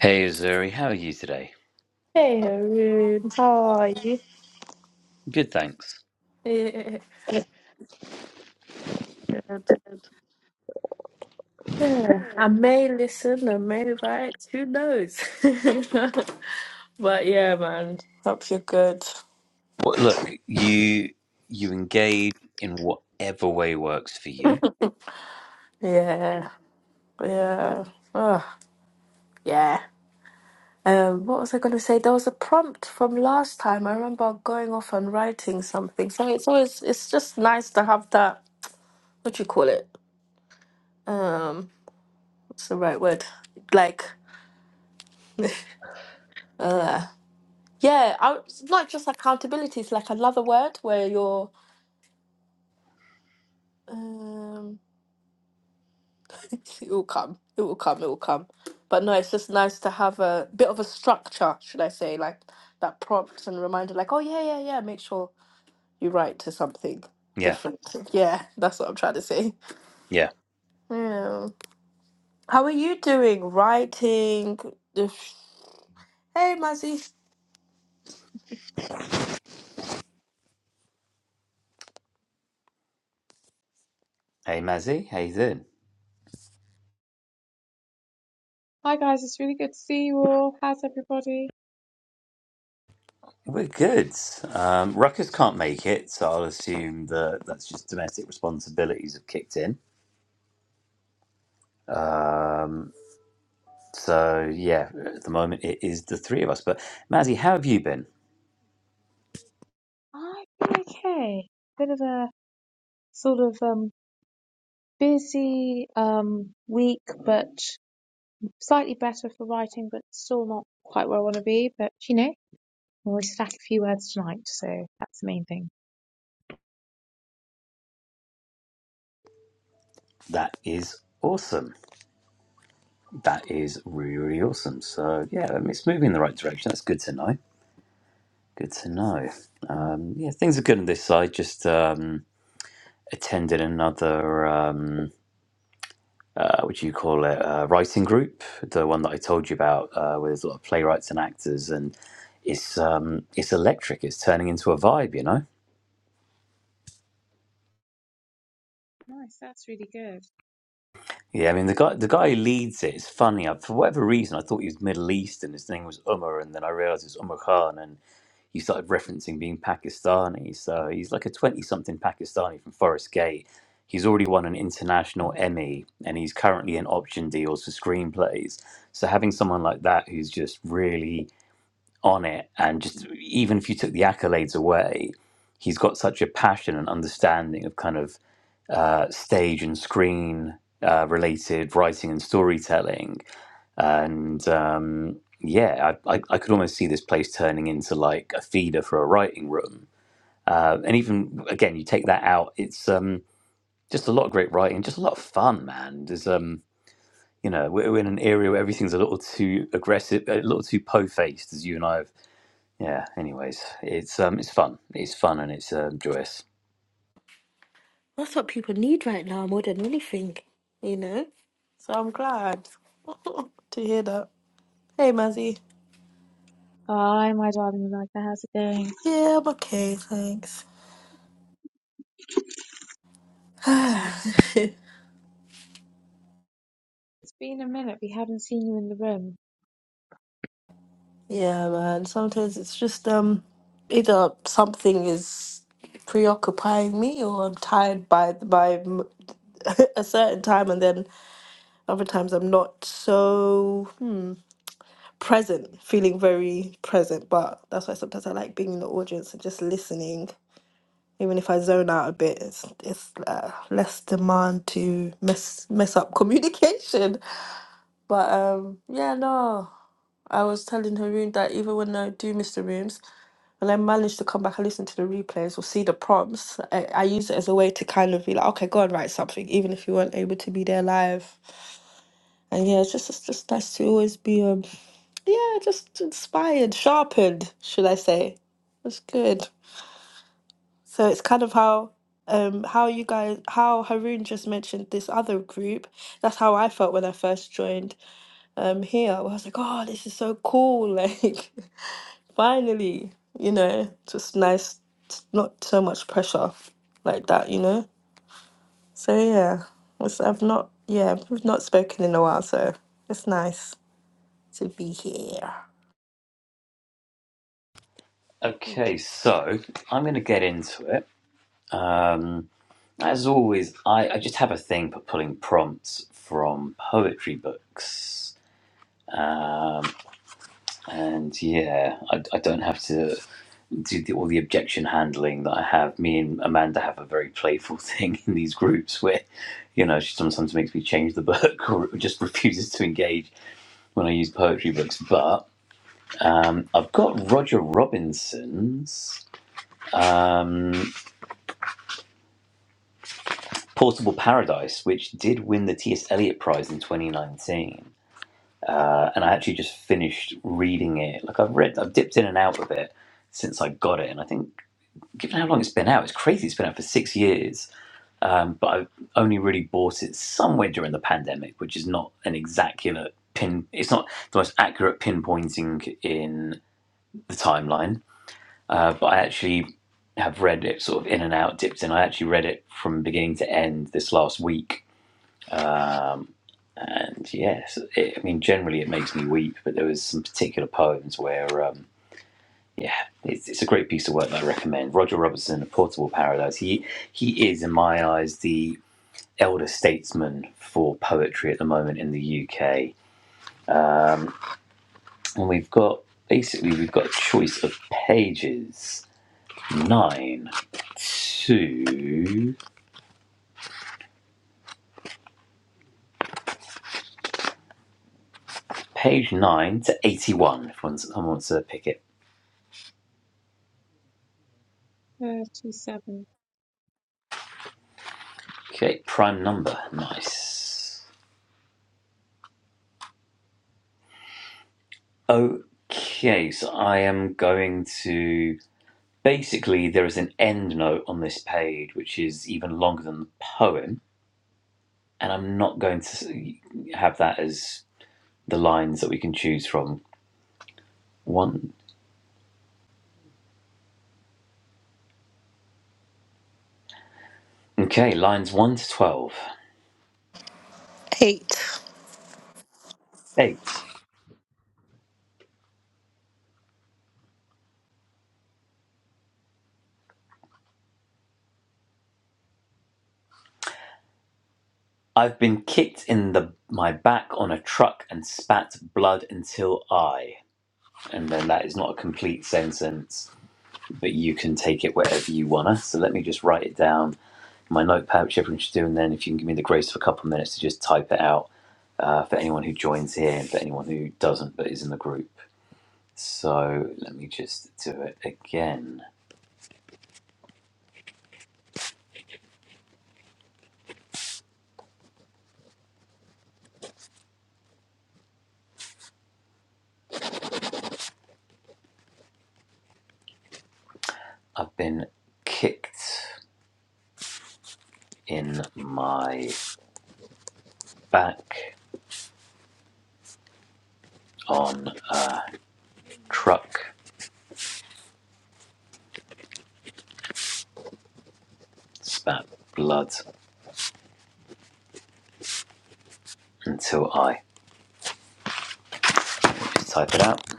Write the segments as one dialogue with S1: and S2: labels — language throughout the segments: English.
S1: Hey Azuri, how are you today?
S2: Hey, Haroon, how are you?
S1: Good, thanks.
S2: Yeah, good. Yeah, I may listen, I may write, who knows? But yeah, man, hope you're good.
S1: Well, look, you you engage in whatever way works for you.
S2: Yeah, yeah, oh, yeah. Um, what was I going to say? There was a prompt from last time. I remember going off and writing something. So it's always, it's just nice to have that, what do you call it? Um, what's the right word? Like, uh. Yeah, I, it's not just accountability. It's like another word where you're. Um, it will come. It will come. It will come. But no, it's just nice to have a bit of a structure, should I say, like that prompt and reminder, like, oh yeah, yeah, yeah. Make sure you write to something
S1: Yeah,
S2: different. Yeah, that's what I'm trying to say.
S1: yeah.
S2: Yeah. How are you doing? Writing. If- Hey, Mazzy.
S1: Hey Mazzy, how you doing?
S3: Hi guys, it's really good to see you all. How's everybody?
S1: We're good. Um, Ruckus can't make it, so I'll assume that that's just domestic responsibilities have kicked in. Um, so yeah, at the moment it is the three of us. But Mazzy, how have you been?
S3: I've been okay. Bit of a sort of um busy um week, but slightly better for writing, but still not quite where I want to be. But you know, I'll always stack a few words tonight, so that's the main thing.
S1: That is awesome. That is really, really awesome. So yeah, I mean, it's moving in the right direction. That's good to know. Good to know. Um, yeah, things are good on this side. Just um, attended another, um, uh, what do you call it, uh, writing group, the one that I told you about, uh, where there's a lot of playwrights and actors, and it's um, it's electric. It's turning into a vibe, you know.
S3: Nice, that's really good.
S1: Yeah, I mean the guy the guy who leads it is funny. I, for whatever reason, I thought he was Middle Eastern. His name was Umar, and then I realised it's Umar Khan, you started referencing being Pakistani. So he's like a 20 something Pakistani from Forest Gate. He's already won an international Emmy and he's currently in option deals for screenplays. So having someone like that who's just really on it and just even if you took the accolades away, he's got such a passion and understanding of kind of uh, stage and screen uh, related writing and storytelling and um, yeah, I, I, I could almost see this place turning into like a feeder for a writing room. Uh, and even again, you take that out, it's um, just a lot of great writing, just a lot of fun, man. There's um, you know, we're, we're in an area where everything's a little too aggressive, a little too po-faced, as you and I have. Yeah. Anyways, it's um, it's fun, it's fun, and it's um, joyous.
S2: That's what people need right now more than anything, you know. So I'm glad to hear that. Hey, Muzzy.
S3: Hi, my darling Magda, how's it going?
S2: Yeah, I'm okay, thanks.
S3: It's, it's been a minute. We haven't seen you in the room.
S2: yeah, man. Sometimes it's just um, either something is preoccupying me, or I'm tired by by m- a certain time, and then other times I'm not so present, feeling very present. But that's why sometimes I like being in the audience and just listening. Even if I zone out a bit, it's it's uh, less demand to mess mess up communication. But um, yeah, no. I was telling Haroon that even when I do miss the rooms, when I manage to come back and listen to the replays or see the prompts, I, I use it as a way to kind of be like, okay, go and write something, even if you weren't able to be there live. And yeah, it's just it's just nice to always be um yeah, just inspired, sharpened, should I say. That's good. So it's kind of how um how you guys how Haroon just mentioned this other group. That's how I felt when I first joined I'm here. I was like, oh, this is so cool. Like, finally, you know, just nice, t- not so much pressure like that, you know? So, yeah, it's, I've not, yeah, we've not spoken in a while, so it's nice to be here.
S3: It's
S1: Okay, so I'm going to get into it. Um, As always, I, I just have a thing for pulling prompts from poetry books. Um, and yeah, I, I don't have to do the, all the objection handling that I have. Me and Amanda have a very playful thing in these groups where, you know, she sometimes makes me change the book or just refuses to engage when I use poetry books. But um, I've got Roger Robinson's um, Portable Paradise, which did win the T.S. Eliot Prize in 2019. uh, and I actually just finished reading it. Like I've read, I've dipped in and out of it since I got it, and I think given how long it's been out, it's crazy. It's been out for six years, um, but I only really bought it somewhere during the pandemic, which is not an exact pin. It's not the most accurate pinpointing in the timeline, uh, but I actually have read it sort of in and out, dipped in. I actually read it from beginning to end this last week Um, and yes, it, I mean, generally it makes me weep, but there was some particular poems where, um, yeah, it's, it's a great piece of work that I recommend. Roger Robertson, A Portable Paradise. He he is, in my eyes, the elder statesman for poetry at the moment in the UK, and we've got basically we've got a choice of pages nine to page nine to eighty-one. If one's, someone wants to pick it,
S3: thirty-seven.
S1: okay, prime number, nice. Okay, so I am going to. Basically, there is an end note on this page, which is even longer than the poem, and I'm not going to have that as the lines that we can choose from. One. Okay, lines 1 to 12.
S2: Eight.
S1: 8. I've been kicked in the my back on a truck and spat blood until I. And then that is not a complete sentence, but you can take it wherever you wanna. So let me just write it down my notepad, which everyone should do. And then if you can give me the grace of a couple of minutes to just type it out uh, for anyone who joins here and for anyone who doesn't but is in the group. So let me just do it again. I've been kicked in my back on a truck, spat blood until I just type it out.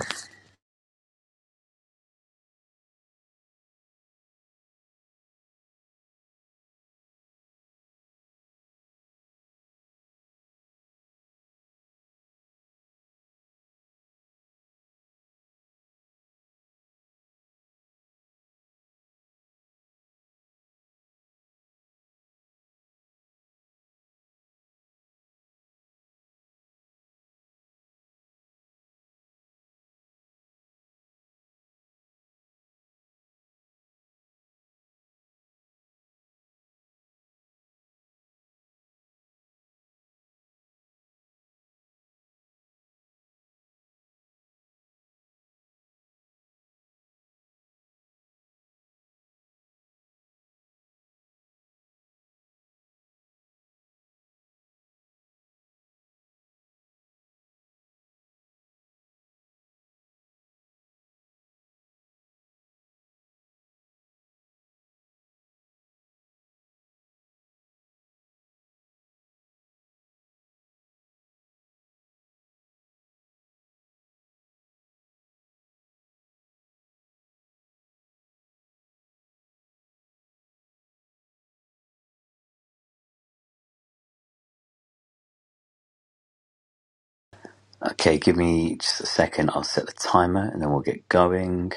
S1: Okay, give me just a second. I'll set the timer and then we'll get going.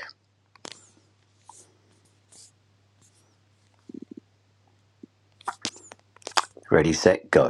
S1: Ready, set, go.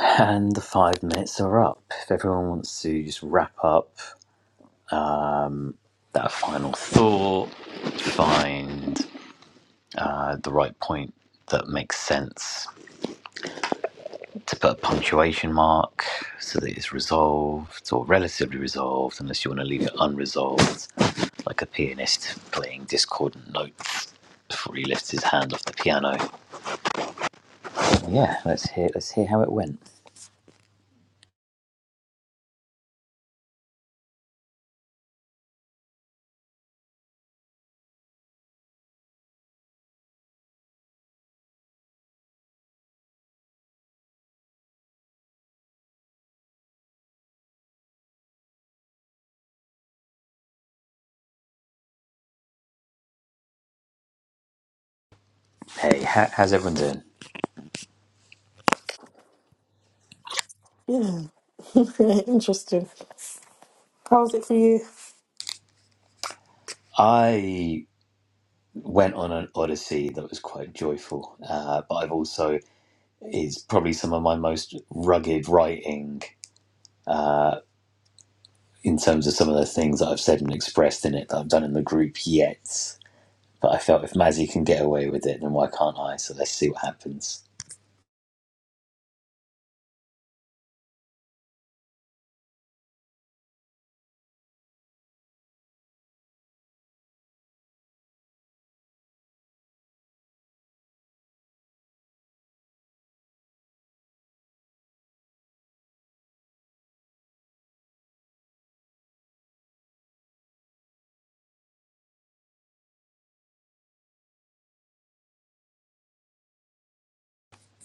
S1: And the five minutes are up. If everyone wants to just wrap up that final thought, find uh, the right point that makes sense to put a punctuation mark so that it's resolved or relatively resolved, unless you want to leave it unresolved, like a pianist playing discordant notes before he lifts his hand off the piano. Yeah, let's hear let's hear how it went. Hey, how, how's everyone doing?
S2: Yeah, interesting. How was it for you?
S1: I went on an odyssey that was quite joyful, uh, but I've also is probably some of my most rugged writing uh, in terms of some of the things that I've said and expressed in it that I've done in the group yet. But I felt if Mazzy can get away with it, then why can't I? So let's see what happens.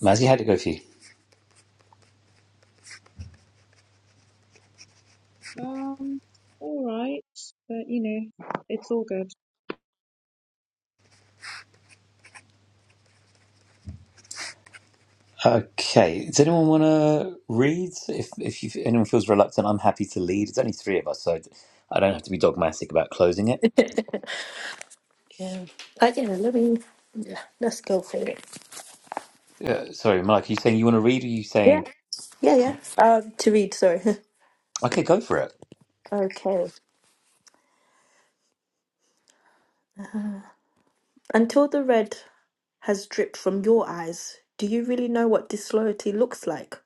S1: Mazzy, how'd it go for you?
S3: Um, all right, but you know, it's all good.
S1: Okay. Does anyone want to read? If if you, anyone feels reluctant, I'm happy to lead. It's only three of us, so I don't have to be dogmatic about closing it.
S2: Yeah. Oh, yeah, let me. Yeah, let's go for it.
S1: Uh, sorry, Mike. Are you saying you want to read? Or are you
S2: Yeah,
S1: saying?
S2: yeah, yeah. Uh, to read, sorry.
S1: Okay, go for it.
S2: okay. Until the red. has dripped from your eyes. Do you really know what disloyalty looks like?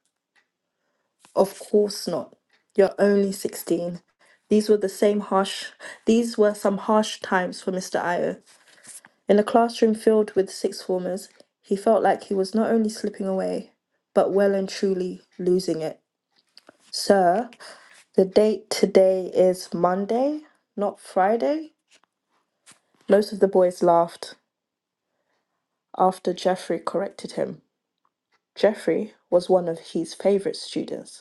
S2: Of course not. You're only 16. These were the same harsh, these were some harsh times for Mr. Io. In a classroom filled with sixth formers, he felt like he was not only slipping away, but well and truly losing it. Sir, the date today is Monday, not Friday? Most of the boys laughed after Geoffrey corrected him. Geoffrey was one of his favourite students.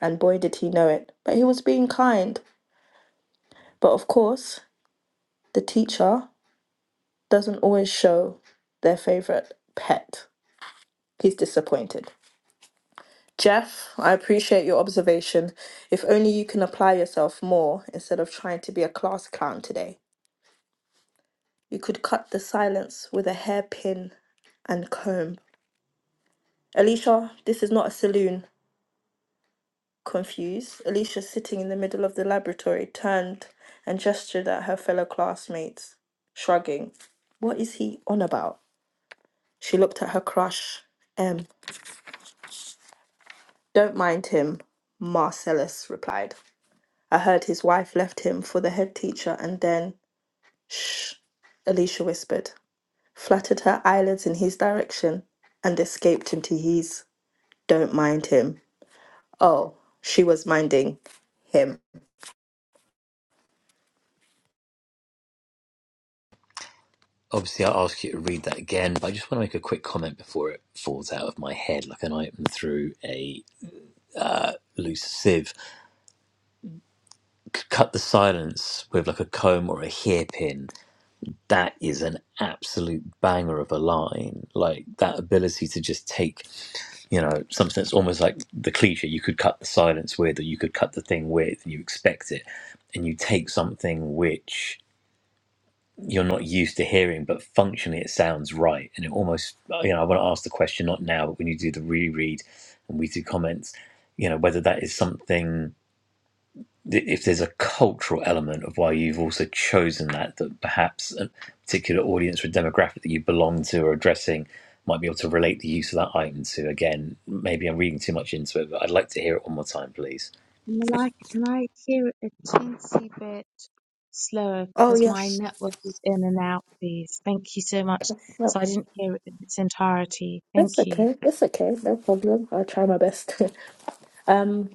S2: and boy did he know it. But he was being kind. But of course, the teacher doesn't always show their favorite pet. He's disappointed. Jeff, I appreciate your observation. If only you can apply yourself more instead of trying to be a class clown today. You could cut the silence with a hairpin and comb. Alicia, this is not a saloon. Confused, Alicia, sitting in the middle of the laboratory, turned and gestured at her fellow classmates, shrugging. What is he on about? She looked at her crush, M. Don't mind him, Marcellus replied. I heard his wife left him for the head teacher and then. Shh, Alicia whispered, fluttered her eyelids in his direction, and escaped into his. Don't mind him. Oh, she was minding him.
S1: Obviously, I'll ask you to read that again, but I just want to make a quick comment before it falls out of my head like an item through a loose sieve. C- cut the silence with like a comb or a hairpin. That is an absolute banger of a line. Like that ability to just take, you know, something that's almost like the cliche you could cut the silence with, or you could cut the thing with, and you expect it, and you take something which you're not used to hearing, but functionally it sounds right. And it almost, uh, you know, I want to ask the question not now, but when you do the reread and we do comments, you know, whether that is something, if there's a cultural element of why you've also chosen that, that perhaps a particular audience or demographic that you belong to or addressing might be able to relate the use of that item to. Again, maybe I'm reading too much into it, but I'd like to hear it one more time, please.
S3: Malika, can I hear it a teensy bit slower
S2: Oh,
S3: because my
S2: yes.
S3: network is in and out, please? Thank you so much. So I didn't hear it in its entirety. Thank
S2: It's
S3: you.
S2: okay. It's okay. No problem. I'll try my best. um,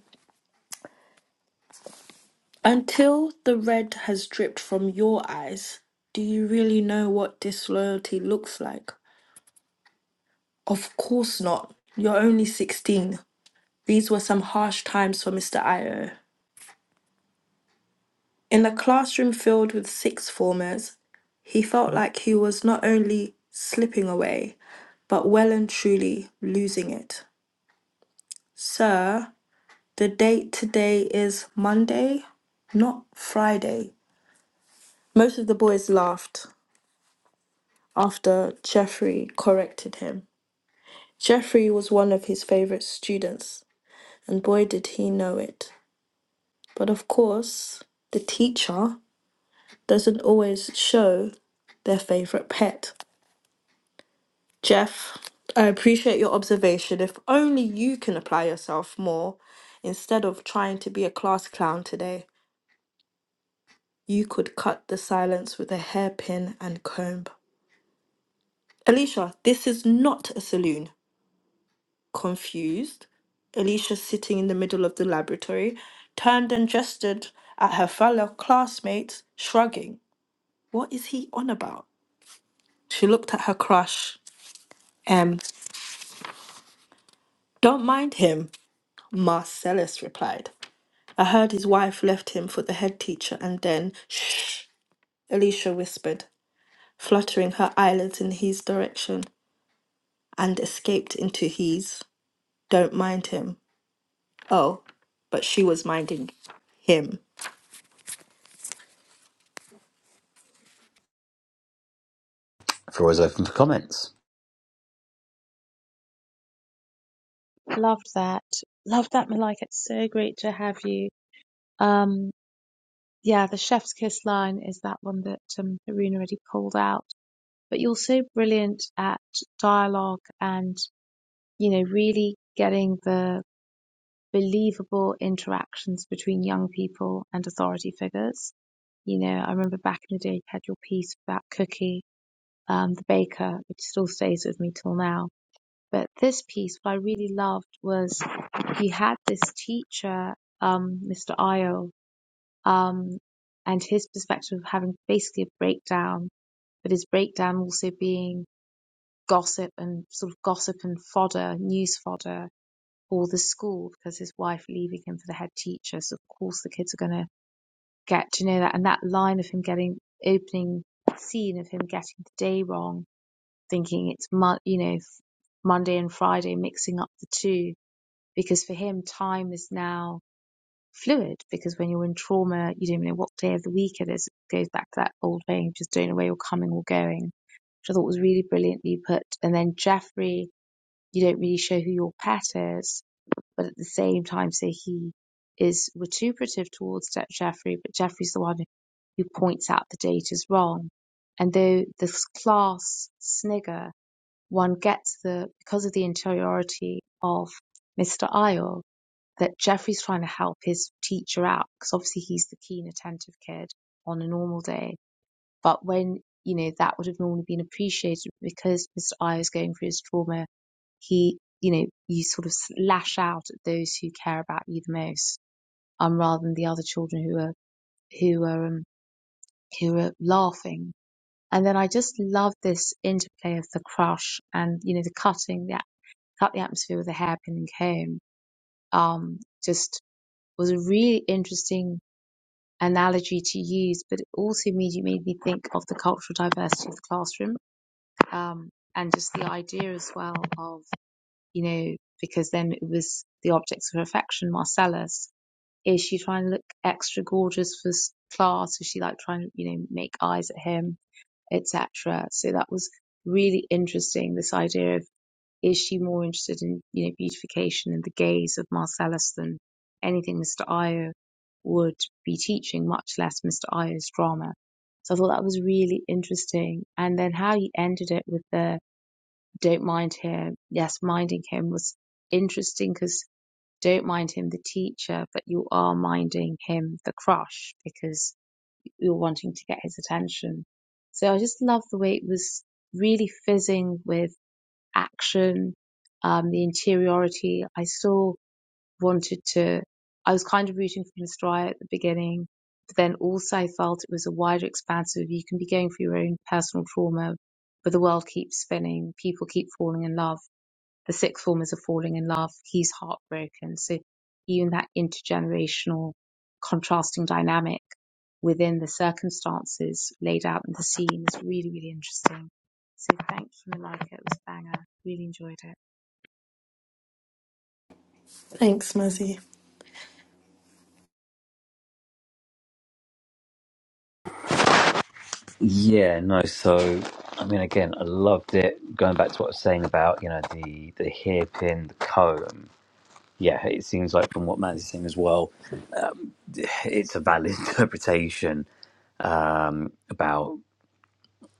S2: until the red has dripped from your eyes, do you really know what disloyalty looks like? Of course not. You're only 16. These were some harsh times for Mr. Io. In a classroom filled with sixth formers, he felt like he was not only slipping away, but well and truly losing it. Sir, The date today is Monday, not Friday. Most of the boys laughed after Jeffrey corrected him. Jeffrey was one of his favorite students, and boy did he know it. But of course, the teacher doesn't always show their favorite pet. Jeff, I appreciate your observation. If only you can apply yourself more instead of trying to be a class clown today. You could cut the silence with a hairpin and comb. Alicia, this is not a saloon. Confused, Alicia, sitting in the middle of the laboratory, turned and gestured at her fellow classmates, shrugging. What is he on about? She looked at her crush. M. Don't mind him, Marcellus replied. I heard his wife left him for the head teacher and then, shh, Alicia whispered, fluttering her eyelids in his direction. and escaped into his. Don't mind him. Oh, but she was minding him.
S1: Floor is open for comments.
S3: Loved that. Loved that, Malika. It's so great to have you. Um, yeah, the chef's kiss line is that one that um, Haroon already pulled out. But you're so brilliant at dialogue and, you know, really getting the believable interactions between young people and authority figures. You know, I remember back in the day you had your piece about Cookie, um, the baker, which still stays with me till now. But this piece, what I really loved was you had this teacher, um, Mr. Ayo, um, and his perspective of having basically a breakdown, but his breakdown also being gossip and sort of gossip and fodder, news fodder or the school because his wife leaving him for the head teacher. So of course the kids are going to get to know that. And that line of him getting opening scene of him getting the day wrong, thinking it's mon- you know Monday and Friday, mixing up the two because for him time is now fluid because when you're in trauma you don't know what day of the week it is. It goes back to that old thing, just don't know where you're coming or going, which I thought was really brilliantly put. And then Jeffrey, you don't really show who your pet is but at the same time say he is vituperative towards Ja-, Jeffrey, but Jeffrey's the one who points out the date is wrong. And though this class snigger, one gets the because of the interiority of Mr. Isle that Jeffrey's trying to help his teacher out because obviously he's the keen, attentive kid on a normal day but when, you know, that would have normally been appreciated because Mr. I is going through his trauma, he, you know, you sort of lash out at those who care about you the most, um, rather than the other children who are, who are, um, who are laughing. And then I just love this interplay of the crush and, you know, the cutting, the, cut the atmosphere with a hairpin and comb. Um, just was a really interesting analogy to use, but it also immediately made me think of the cultural diversity of the classroom Um, and just the idea as well of, you know, because then it was the objects of her affection, Marcellus. Is she trying to look extra gorgeous for s- class? Is she like trying to, you know, make eyes at him, etc.? So that was really interesting. This idea of is she more interested in, you know, beautification and the gaze of Marcellus than anything Mr. Io would be teaching, much less Mr. Io's drama. So I thought that was really interesting. And then how you ended it with the don't mind him. Yes, minding him was interesting because don't mind him, the teacher, but you are minding him, the crush, because you're wanting to get his attention. So I just love the way it was really fizzing with action, um, the interiority. I still wanted to, I was kind of rooting for Miss Dry at the beginning, but then also I felt it was a wider expanse of you can be going for your own personal trauma, but the world keeps spinning, people keep falling in love the sixth formers are falling in love. He's heartbroken. So even that intergenerational contrasting dynamic within the circumstances laid out in the scene is really, really interesting. So thank you, Malika. It was a banger. Really enjoyed it.
S2: Thanks, Mazzy.
S1: Yeah, no. So, I mean, again, I loved it. Going back to what I was saying about you know the the hairpin, the comb. Yeah, it seems like from what Matt's saying as well, it's a valid interpretation um, about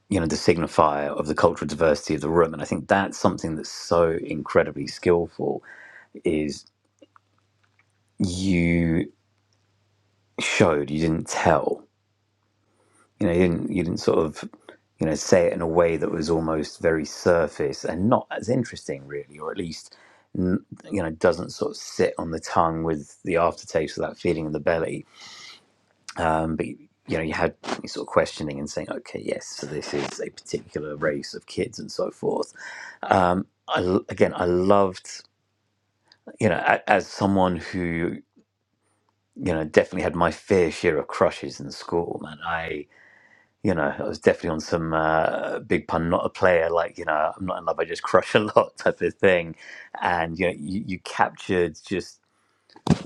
S1: you know the signifier of the cultural diversity of the room, and I think that's something that's so incredibly skillful. Is you showed you didn't tell you know you didn't you didn't sort of you know say it in a way that was almost very surface and not as interesting really or at least n- you know doesn't sort of sit on the tongue with the aftertaste of that feeling in the belly um, but you know you had you sort of questioning and saying okay yes so this is a particular race of kids and so forth um, I, l- again i loved you know a, as someone who you know definitely had my fair share of crushes in school man I you know, I was definitely on some uh, big pun, not a player, like, you know, I'm not in love, I just crush a lot type of thing. And, you know, you, you captured just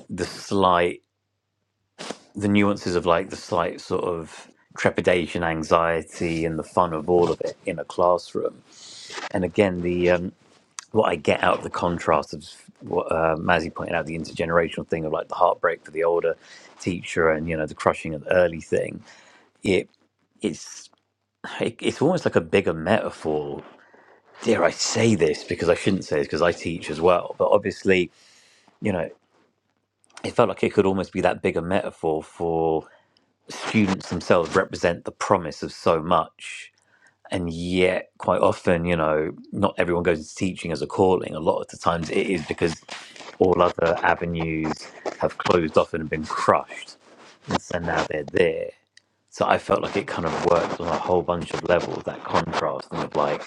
S1: the slight, the nuances of like the slight sort of trepidation, anxiety, and the fun of all of it in a classroom. And again, the, um, what I get out of the contrast of what uh, Mazzy pointed out, the intergenerational thing of like the heartbreak for the older teacher and, you know, the crushing of the early thing, it, it's, it- it's almost like a bigger metaphor dare I say this because I shouldn't say this because I teach as well, but obviously, you know, it felt like it could almost be that bigger metaphor for students themselves represent the promise of so much. And yet, quite often, you know, not everyone goes into teaching as a calling. A lot of the times it is because all other avenues have closed off and been crushed. And so now they're there. So I felt like it kind of worked on a whole bunch of levels, that contrast and of like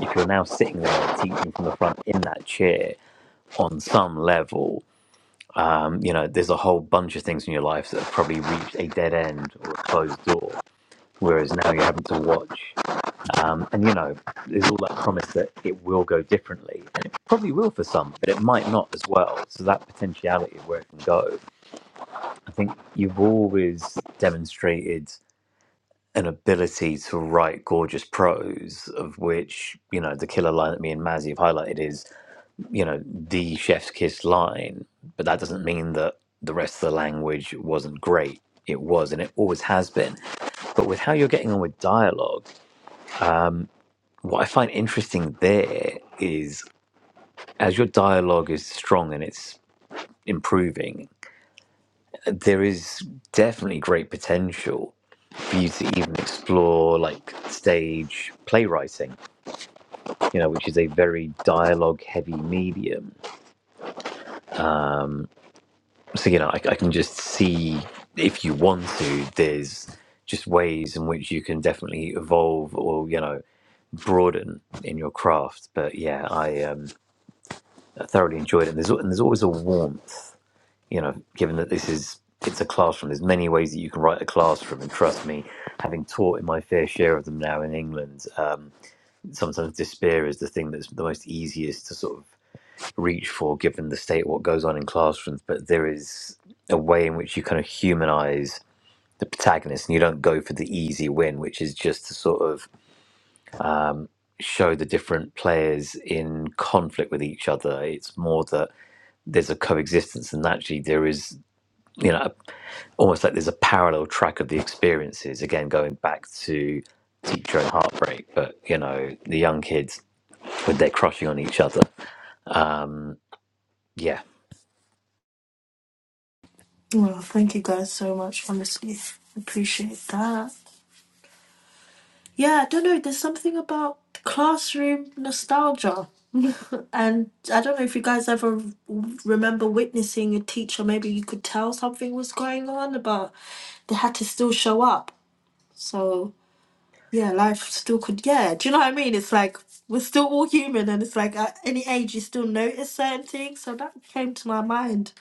S1: if you're now sitting there teaching from the front in that chair on some level, um, you know, there's a whole bunch of things in your life that have probably reached a dead end or a closed door. Whereas now you're having to watch, um, and you know, there's all that promise that it will go differently, and it probably will for some, but it might not as well. So that potentiality of where it can go, I think you've always demonstrated an ability to write gorgeous prose, of which, you know, the killer line that me and Mazzy have highlighted is, you know, the chef's kiss line. But that doesn't mean that the rest of the language wasn't great. It was, and it always has been. But with how you're getting on with dialogue, what I find interesting there is as your dialogue is strong and it's improving, there is definitely great potential for you to even explore like stage playwriting you know, which is a very dialogue heavy medium. So, you know, I, I can just see if you want to, there's just ways in which you can definitely evolve or, you know, broaden in your craft. But yeah, I, um, I thoroughly enjoyed it. And there's, and there's always a warmth, you know, given that this is. It's a classroom. There's many ways that you can write a classroom, and trust me, having taught in my fair share of them now in England, um, sometimes despair is the thing that's the most easiest to sort of reach for given the state of what goes on in classrooms, but there is a way in which you kind of humanize the protagonist and you don't go for the easy win, which is just to sort of show the different players in conflict with each other. It's more that there's a coexistence and actually there is, you know, almost like there's a parallel track of the experiences. Again, going back to teacher and heartbreak, but you know, the young kids when they're crushing on each other. Um, yeah,
S2: Well, thank you guys so much, honestly. Appreciate that. Yeah, I don't know, there's something about classroom nostalgia. and I don't know if you guys ever remember witnessing a teacher, maybe you could tell something was going on, but they had to still show up. So yeah, life still could, yeah. Do you know what I mean? It's like we're still all human, and it's like at any age you still notice certain things. So that came to my mind.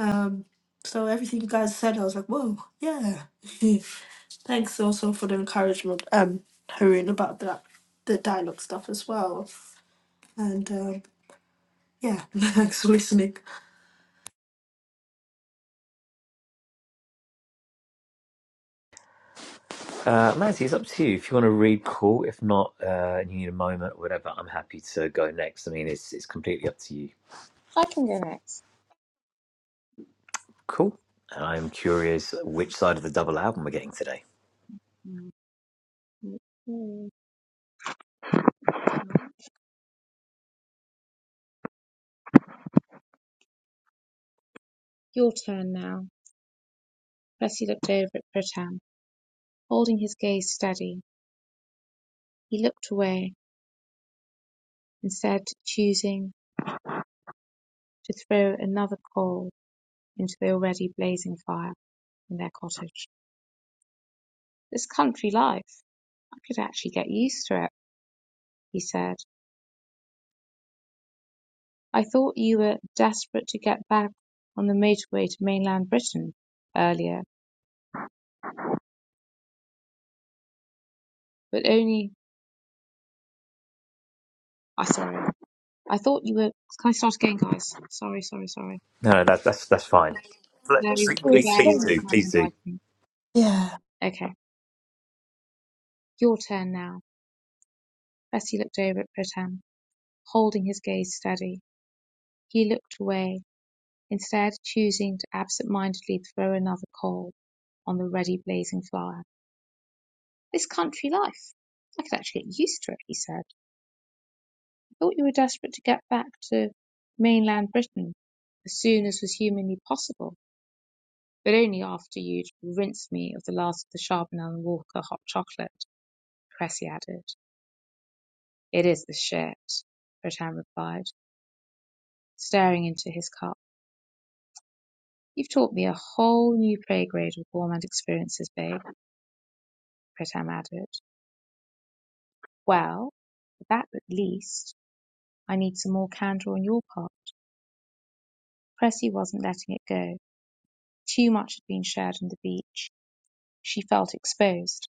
S2: Um, so everything you guys said, I was like, whoa, yeah. Thanks also for the encouragement, um, Haroon, about that the dialogue stuff as well. And um, yeah, thanks for listening.
S1: Uh, Mazzy, it's up to you. If you want to read, cool. If not, uh, and you need a moment or whatever, I'm happy to go next. I mean, it's it's completely up to you.
S3: I can go next.
S1: Cool. And I'm curious which side of the double album we're getting today.
S3: Mm. Your turn now. Percy looked over at Pritam, holding his gaze steady. He looked away, instead choosing to throw another coal into the already blazing fire in their cottage. "This country life. I could actually get used to it," he said. "I thought you were desperate to get back on the motorway to mainland Britain, earlier, but only I oh, sorry. I thought you were Can I start again, guys? Sorry, sorry, sorry.
S1: No, no, that, that's that's fine. Pl-
S3: Barely,
S1: Please,
S2: It
S1: please,
S2: was
S1: please
S3: barely
S2: fun.
S3: read
S1: do,
S3: my
S1: please do.
S3: handwriting.
S2: Yeah.
S3: Okay, your turn now. Bessie looked over at Pritam, holding his gaze steady. He looked away, instead choosing to absent-mindedly throw another coal on the ready blazing fire. This country life. I could actually get used to it, he said. I thought you were desperate to get back to mainland Britain as soon as was humanly possible, but only after you'd rinsed me of the last of the Charbonnel and Walker hot chocolate, Cressy added. It is the shit, Bretam replied, staring into his cup. You've taught me a whole new playgrade of gourmand experiences, babe, Bretam added. Well, for that at least, I need some more candor on your part. Cressy wasn't letting it go. Too much had been shared on the beach. She felt exposed,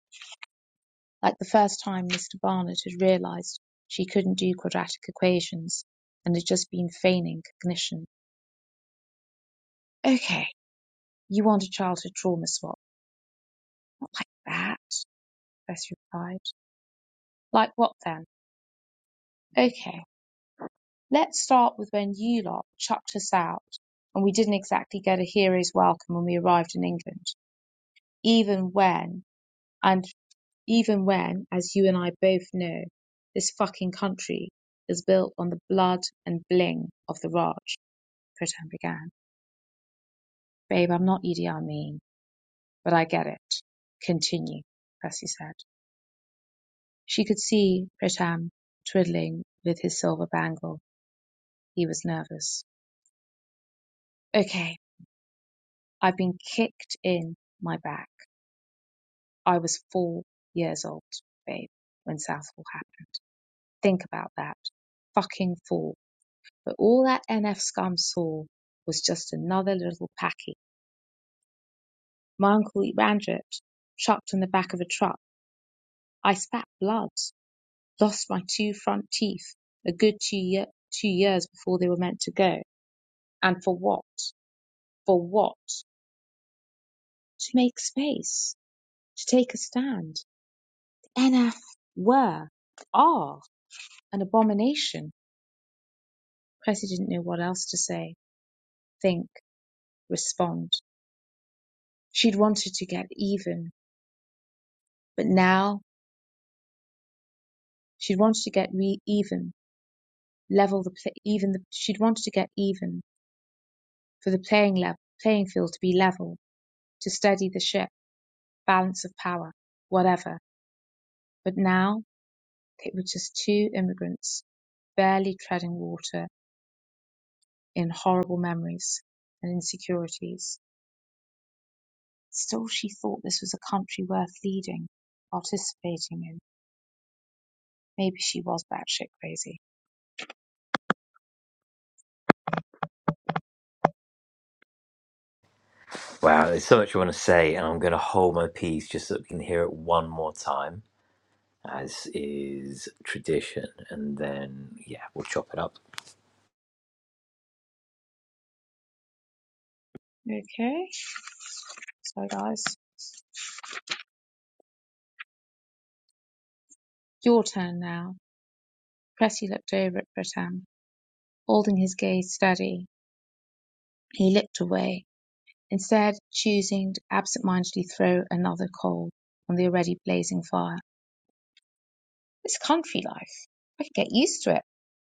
S3: like the first time Mr. Barnett had realized she couldn't do quadratic equations and had just been feigning cognition. Okay, you want a childhood trauma swap. Not like that, Bess replied. Like what then? Okay, let's start with when you lot chucked us out and we didn't exactly get a hero's welcome when we arrived in England, even when And even when, as you and I both know, this fucking country is built on the blood and bling of the Raj, Pritam began. Babe, I'm not Idi Amin, but I get it. Continue, Percy said. She could see Pritam twiddling with his silver bangle. He was nervous. Okay, I've been kicked in my back. I was four years old, babe, when Southall happened. Think about that. Fucking four But all that NF scum saw was just another little packy. My uncle Ebrandret chucked on the back of a truck. I spat blood, lost my two front teeth a good two, ye- two years before they were meant to go. And for what? For what? To make space, to take a stand. The NF were, are, an abomination. Cressy didn't know what else to say, think, respond. She'd wanted to get even, but now She wanted to get re even, level the even. The, she'd wanted to get even for the playing level, playing field to be level, to steady the ship, balance of power, whatever. But now they were just two immigrants, barely treading water in horrible memories and insecurities. Still, she thought this was a country worth leading, participating in. Maybe she was batshit crazy.
S1: Wow, there's so much I want to say, and I'm going to hold my peace just so we can hear it one more time, as is tradition. And then, yeah, we'll chop it up.
S3: Okay, sorry guys. Your turn now. Pretty looked over at Britam. Holding his gaze steady, he looked away, instead choosing to absentmindedly throw another coal on the already blazing fire. "This country life I can get used to it,"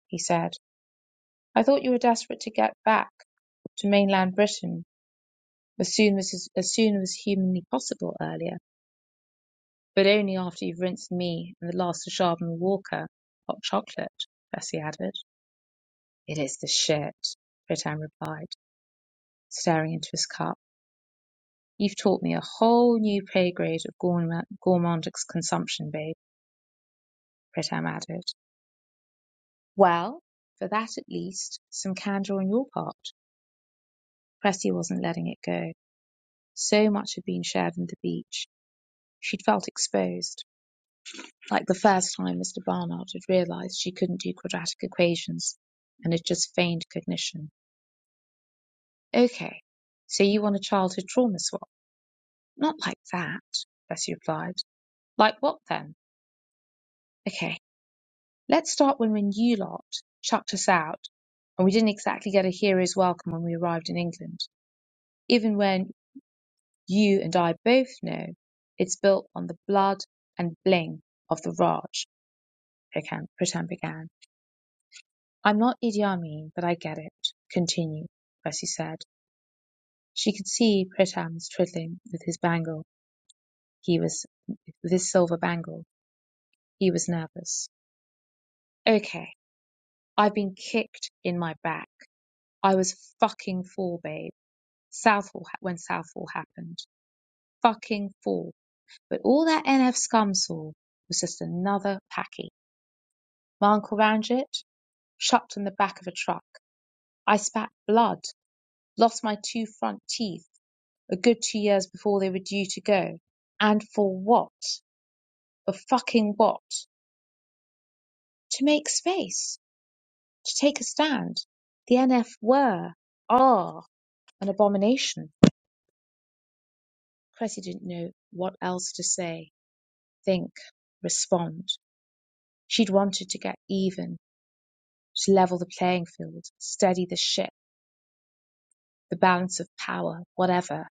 S3: he said. "I thought you were desperate to get back to mainland Britain as soon as as as soon as humanly possible earlier, but only after you've rinsed me and the last of Sharman Walker hot chocolate," Bessie added. "It is the shit," Ratan replied, staring into his cup. You've taught me a whole new playgrade of gourma- gourmand consumption, babe, Pritam added. Well, for that at least, some candour on your part. Cressy wasn't letting it go. So much had been shared on the beach. She'd felt exposed, like the first time Mr. Barnard had realised she couldn't do quadratic equations and had just feigned cognition. Okay, so you want a childhood trauma swap? Not like that, Bessie replied. Like what then? Okay, Let's start when, when you lot chucked us out and we didn't exactly get a hero's welcome when we arrived in England, even when you and I both know it's built on the blood and bling of the Raj, Pocan Pritam began. I'm not Idi Amin, but I get it. Continue, Percy said. She could see Pritam's twiddling with his bangle. He was, with his silver bangle. He was nervous. Okay, I've been kicked in my back. I was fucking fool, babe. Southall when Southall happened. Fucking fool. But all that NF scum saw was just another packy. My uncle round it, chucked on the back of a truck. I spat blood, lost my two front teeth a good two years before they were due to go. And for what? For fucking what? To make space, to take a stand. The NF were, are, an abomination. Cressy didn't know what else to say, think, respond. She'd wanted to get even, to level the playing field, steady the ship, the balance of power, whatever.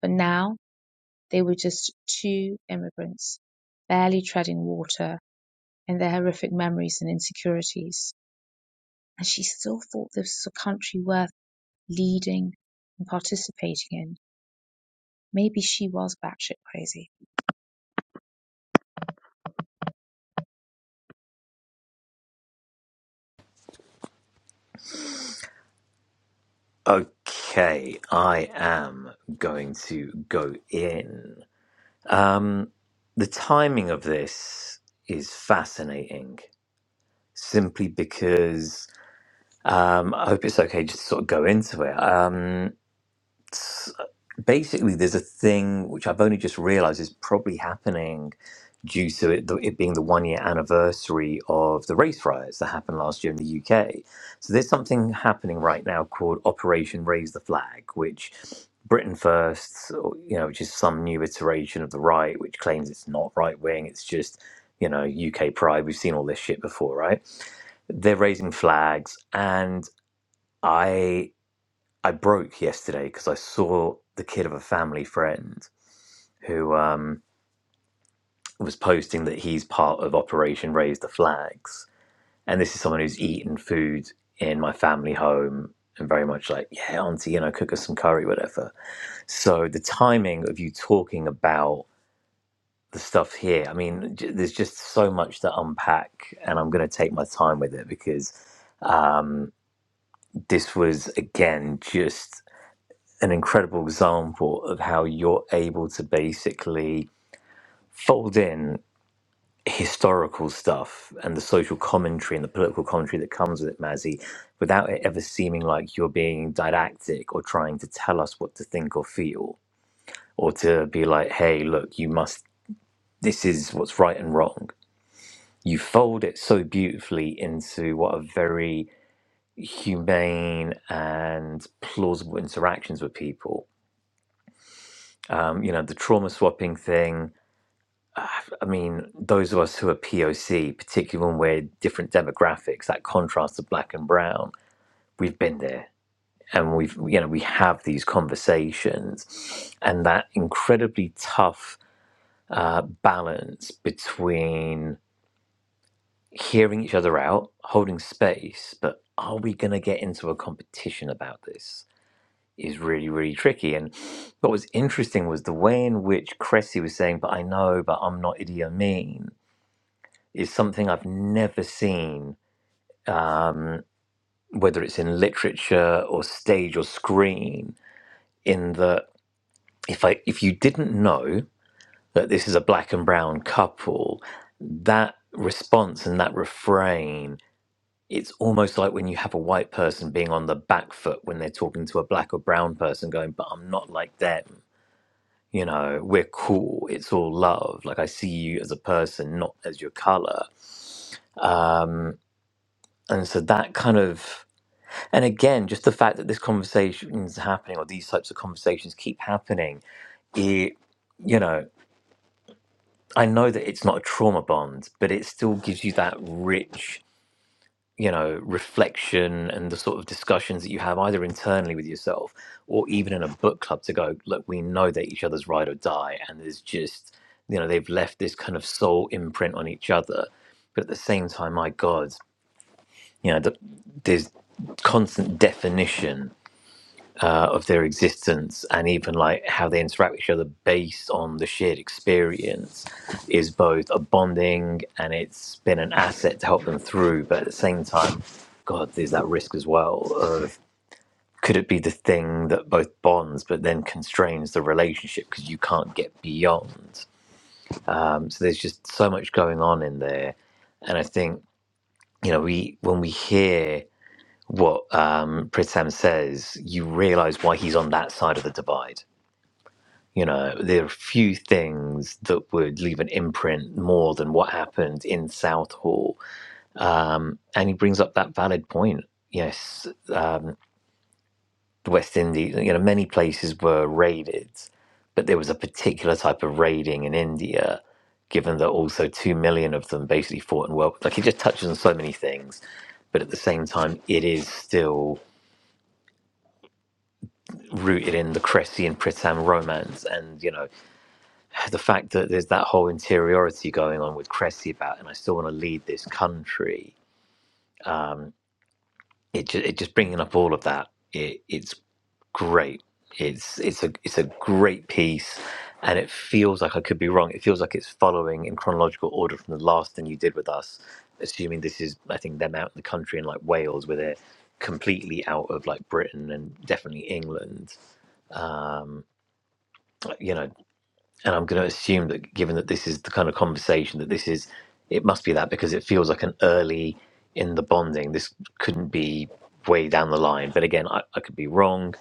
S3: But now they were just two immigrants, barely treading water in their horrific memories and insecurities. And she still thought this was a country worth leading and participating in. Maybe she was batshit crazy.
S1: Okay, I am going to go in. Um, the timing of this is fascinating, simply because um, I hope it's okay just to sort of go into it. Um, basically there's a thing which I've only just realized is probably happening due to it, it being the one year anniversary of the race riots that happened last year in the UK. So there's something happening right now called Operation Raise the Flag, which Britain First, you know, which is some new iteration of the right, which claims it's not right wing, it's just, you know, UK pride. We've seen all this shit before, right? They're raising flags and I I broke yesterday because I saw the kid of a family friend who um, was posting that he's part of Operation Raise the Flags, and this is someone who's eaten food in my family home and very much like, yeah, auntie, you know, cook us some curry, whatever. So the timing of you talking about the stuff here, I mean, j- there's just so much to unpack, and I'm going to take my time with it because um, this was again just an incredible example of how you're able to basically fold in historical stuff and the social commentary and the political commentary that comes with it, Mazzy, without it ever seeming like you're being didactic or trying to tell us what to think or feel, or to be like, hey, look, you must, this is what's right and wrong. You fold it so beautifully into what are very humane and plausible interactions with people. Um, you know, the trauma swapping thing, I mean, those of us who are POC, particularly when we're different demographics, that contrast of black and brown, we've been there and we've, you know, we have these conversations and that incredibly tough uh, balance between hearing each other out, holding space, but are we going to get into a competition about this? Is really, really tricky. And what was interesting was the way in which Cressy was saying, But I know, but I'm not Idi Amin is something I've never seen, um, whether it's in literature or stage or screen. In that, if I if you didn't know that this is a black and brown couple, that response and that refrain, it's almost like when you have a white person being on the back foot when they're talking to a black or brown person, going, "But I'm not like them." You know, we're cool. It's all love. Like I see you as a person, not as your color Um, And so that kind of, and again, just the fact that this conversation is happening or these types of conversations keep happening, it, you know, I know that it's not a trauma bond, but it still gives you that rich, you know, reflection and the sort of discussions that you have either internally with yourself or even in a book club to go, look, we know that each other's ride or die. And there's just, you know, they've left this kind of soul imprint on each other. But at the same time, my God, you know, the, there's constant definition uh, of their existence and even like how they interact with each other based on the shared experience is both a bonding and it's been an asset to help them through. But at the same time, God, there's that risk as well of could it be the thing that both bonds but then constrains the relationship because you can't get beyond? Um, so there's just so much going on in there. And I think, you know, we when we hear what um, Pritam says, you realize why he's on that side of the divide You know, there are few things that would leave an imprint more than what happened in Southall. Um, and he brings up that valid point. Yes, the West Indies, you know, many places were raided, but there was a particular type of raiding in India, given that also two million of them basically fought in world. Like it just touches on so many things, but at the same time, it is still rooted in the Cressy and Pritam romance, and you know the fact that there's that whole interiority going on with Cressy about, and I still want to lead this country. Um, it, ju- it just bringing up all of that. It, it's great. It's it's a it's a great piece, and it feels like I could be wrong. It feels like it's following in chronological order from the last thing you did with us. Assuming this is, I think them out in the country in like Wales, where they're completely out of like Britain and definitely England. Like, You know, and I'm going to assume that given that this is the kind of conversation that this is, it must be that because it feels like an early in the bonding. This couldn't be way down the line, but again, I, I could be wrong.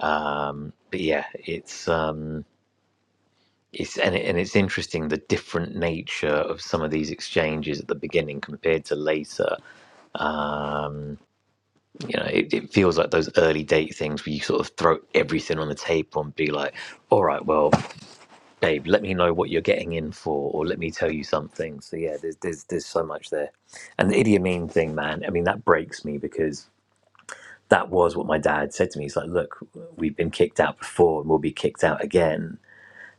S1: Um, but yeah, it's um, it's and, it, and it's interesting the different nature of some of these exchanges at the beginning compared to later. Um, you know, it, it feels like those early date things where you sort of throw everything on the table and be like, all right, well. Dave, let me know what you're getting in for, or let me tell you something. So yeah, there's there's there's so much there, and the idiom mean thing, man. I mean, that breaks me because that was what my dad said to me. He's like, "Look, we've been kicked out before, and we'll be kicked out again."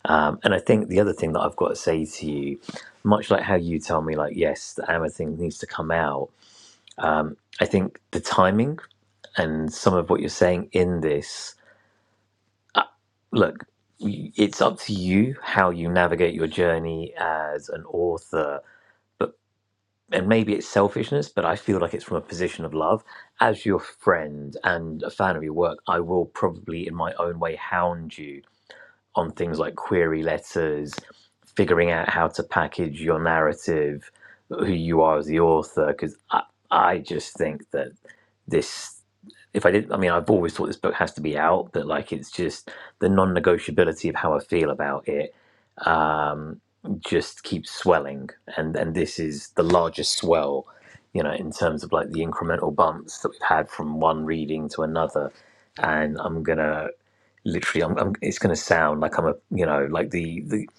S1: Um, and I think the other thing that I've got to say to you, much like how you tell me, like, yes, the Amma thing needs to come out. Um, I think the timing and some of what you're saying in this look, it's up to you how you navigate your journey as an author. But and maybe it's selfishness, but I feel like it's from a position of love. As your friend and a fan of your work, I will probably, in my own way, hound you on things like query letters, figuring out how to package your narrative, who you are as the author. Because I, I just think that this, if I did, not I mean, I've always thought this book has to be out, but like it's just the non negotiability of how I feel about it um, just keeps swelling. And, and this is the largest swell, you know, in terms of like the incremental bumps that we've had from one reading to another. And I'm going to literally I'm, I'm it's going to sound like i'm a you know like the, the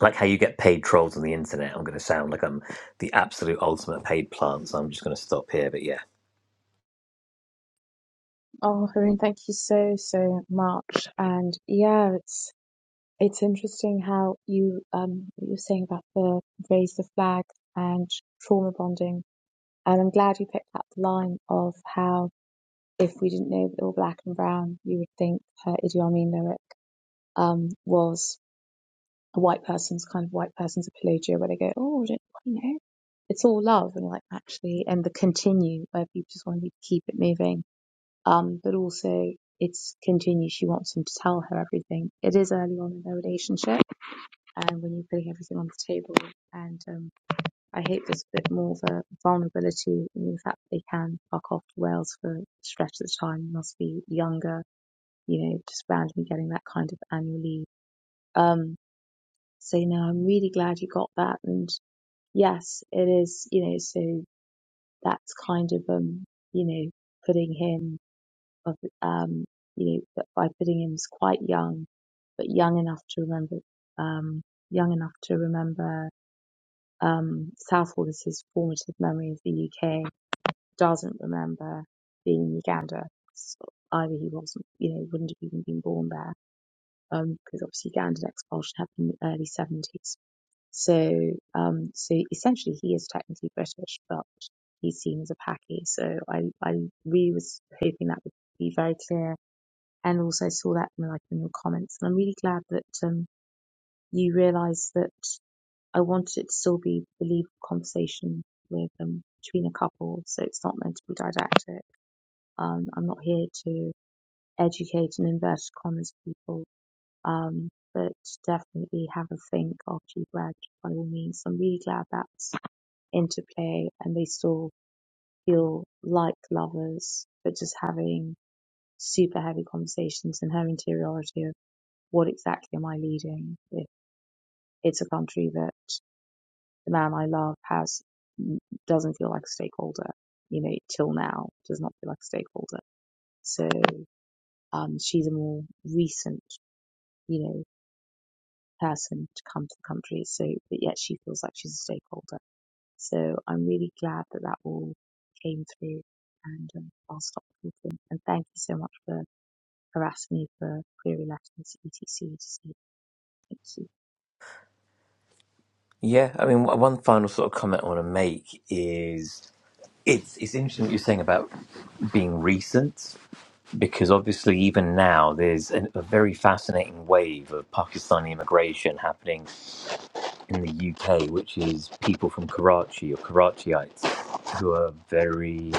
S1: like how you get paid trolls on the internet i'm going to sound like i'm the absolute ultimate paid plant so i'm just going to stop here but yeah
S3: Oh, Haroon, thank you so, so much. And yeah, it's It's interesting how you um what you're saying about the raise the flag and trauma bonding, and I'm glad you picked up the line of how if we didn't know that they were black and brown, you would think her Idi Amin lyric um was a white person's kind of white person's apologia, where they go, oh, I don't you know, it's all love, and like actually, and the continue where people just want to keep it moving, um, but also it's continue. She wants him to tell her everything. It is early on in their relationship and when you're putting everything on the table. And um, I hope there's a bit more of a vulnerability in the fact that they can fuck off to Wales for stretches of time, must be younger, you know, just randomly getting that kind of annual leave. Um, so, you know, I'm really glad you got that. And yes, it is, you know, so that's kind of, um, you know, putting him, um, you know, by putting him as quite young, but young enough to remember, um, young enough to remember Um, South Wallis's formative memory of the UK doesn't remember being in Uganda. S- Either he wasn't, you know, wouldn't have even been born there, because obviously Ugandan expulsion happened in the early 70s. So, um, so essentially he is technically British, but he's seen as a Paki. So I, I really was hoping that would be very clear. And also I saw that in like in your comments, and I'm really glad that um, you realise that. I wanted it to still be a believable conversation with um, between a couple, so it's not meant to be didactic. Um, I'm not here to educate and inverted commas people, um, but definitely have a think after you read by all means. I'm really glad that's into play and they still feel like lovers, but just having super heavy conversations and her interiority of what exactly am I leading if it's a country that the man I love has mm, doesn't feel like a stakeholder. You know, till now does not feel like a stakeholder. So um, she's a more recent, you know, person to come to the country. So, but yet she feels like she's a stakeholder. So I'm really glad that that all came through. And um, I'll stop talking. And thank you so much for harassing me for query letters, etc, etc. Thank you.
S1: yeah i mean one one final sort of comment i want to make is it's it's interesting what you're saying about being recent because obviously even now there's an, a very fascinating wave of pakistani immigration happening in the uk which is people from karachi or karachiites who are very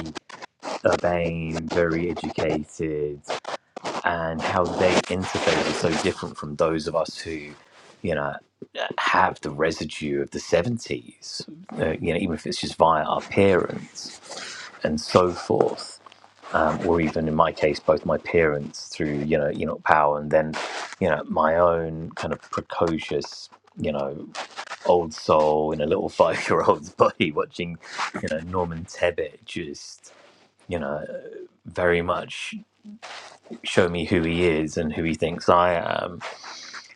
S1: urbane, very educated, and how they interface is so different from those of us who, you know, have the residue of the 70s, uh, you know, even if it's just via our parents and so forth. Um, or even in my case, both my parents through you know Enoch Powell, and then you know my own kind of precocious you know old soul in a little five year old's body watching you know Norman Tebbit just you know, very much show me who he is and who he thinks I am.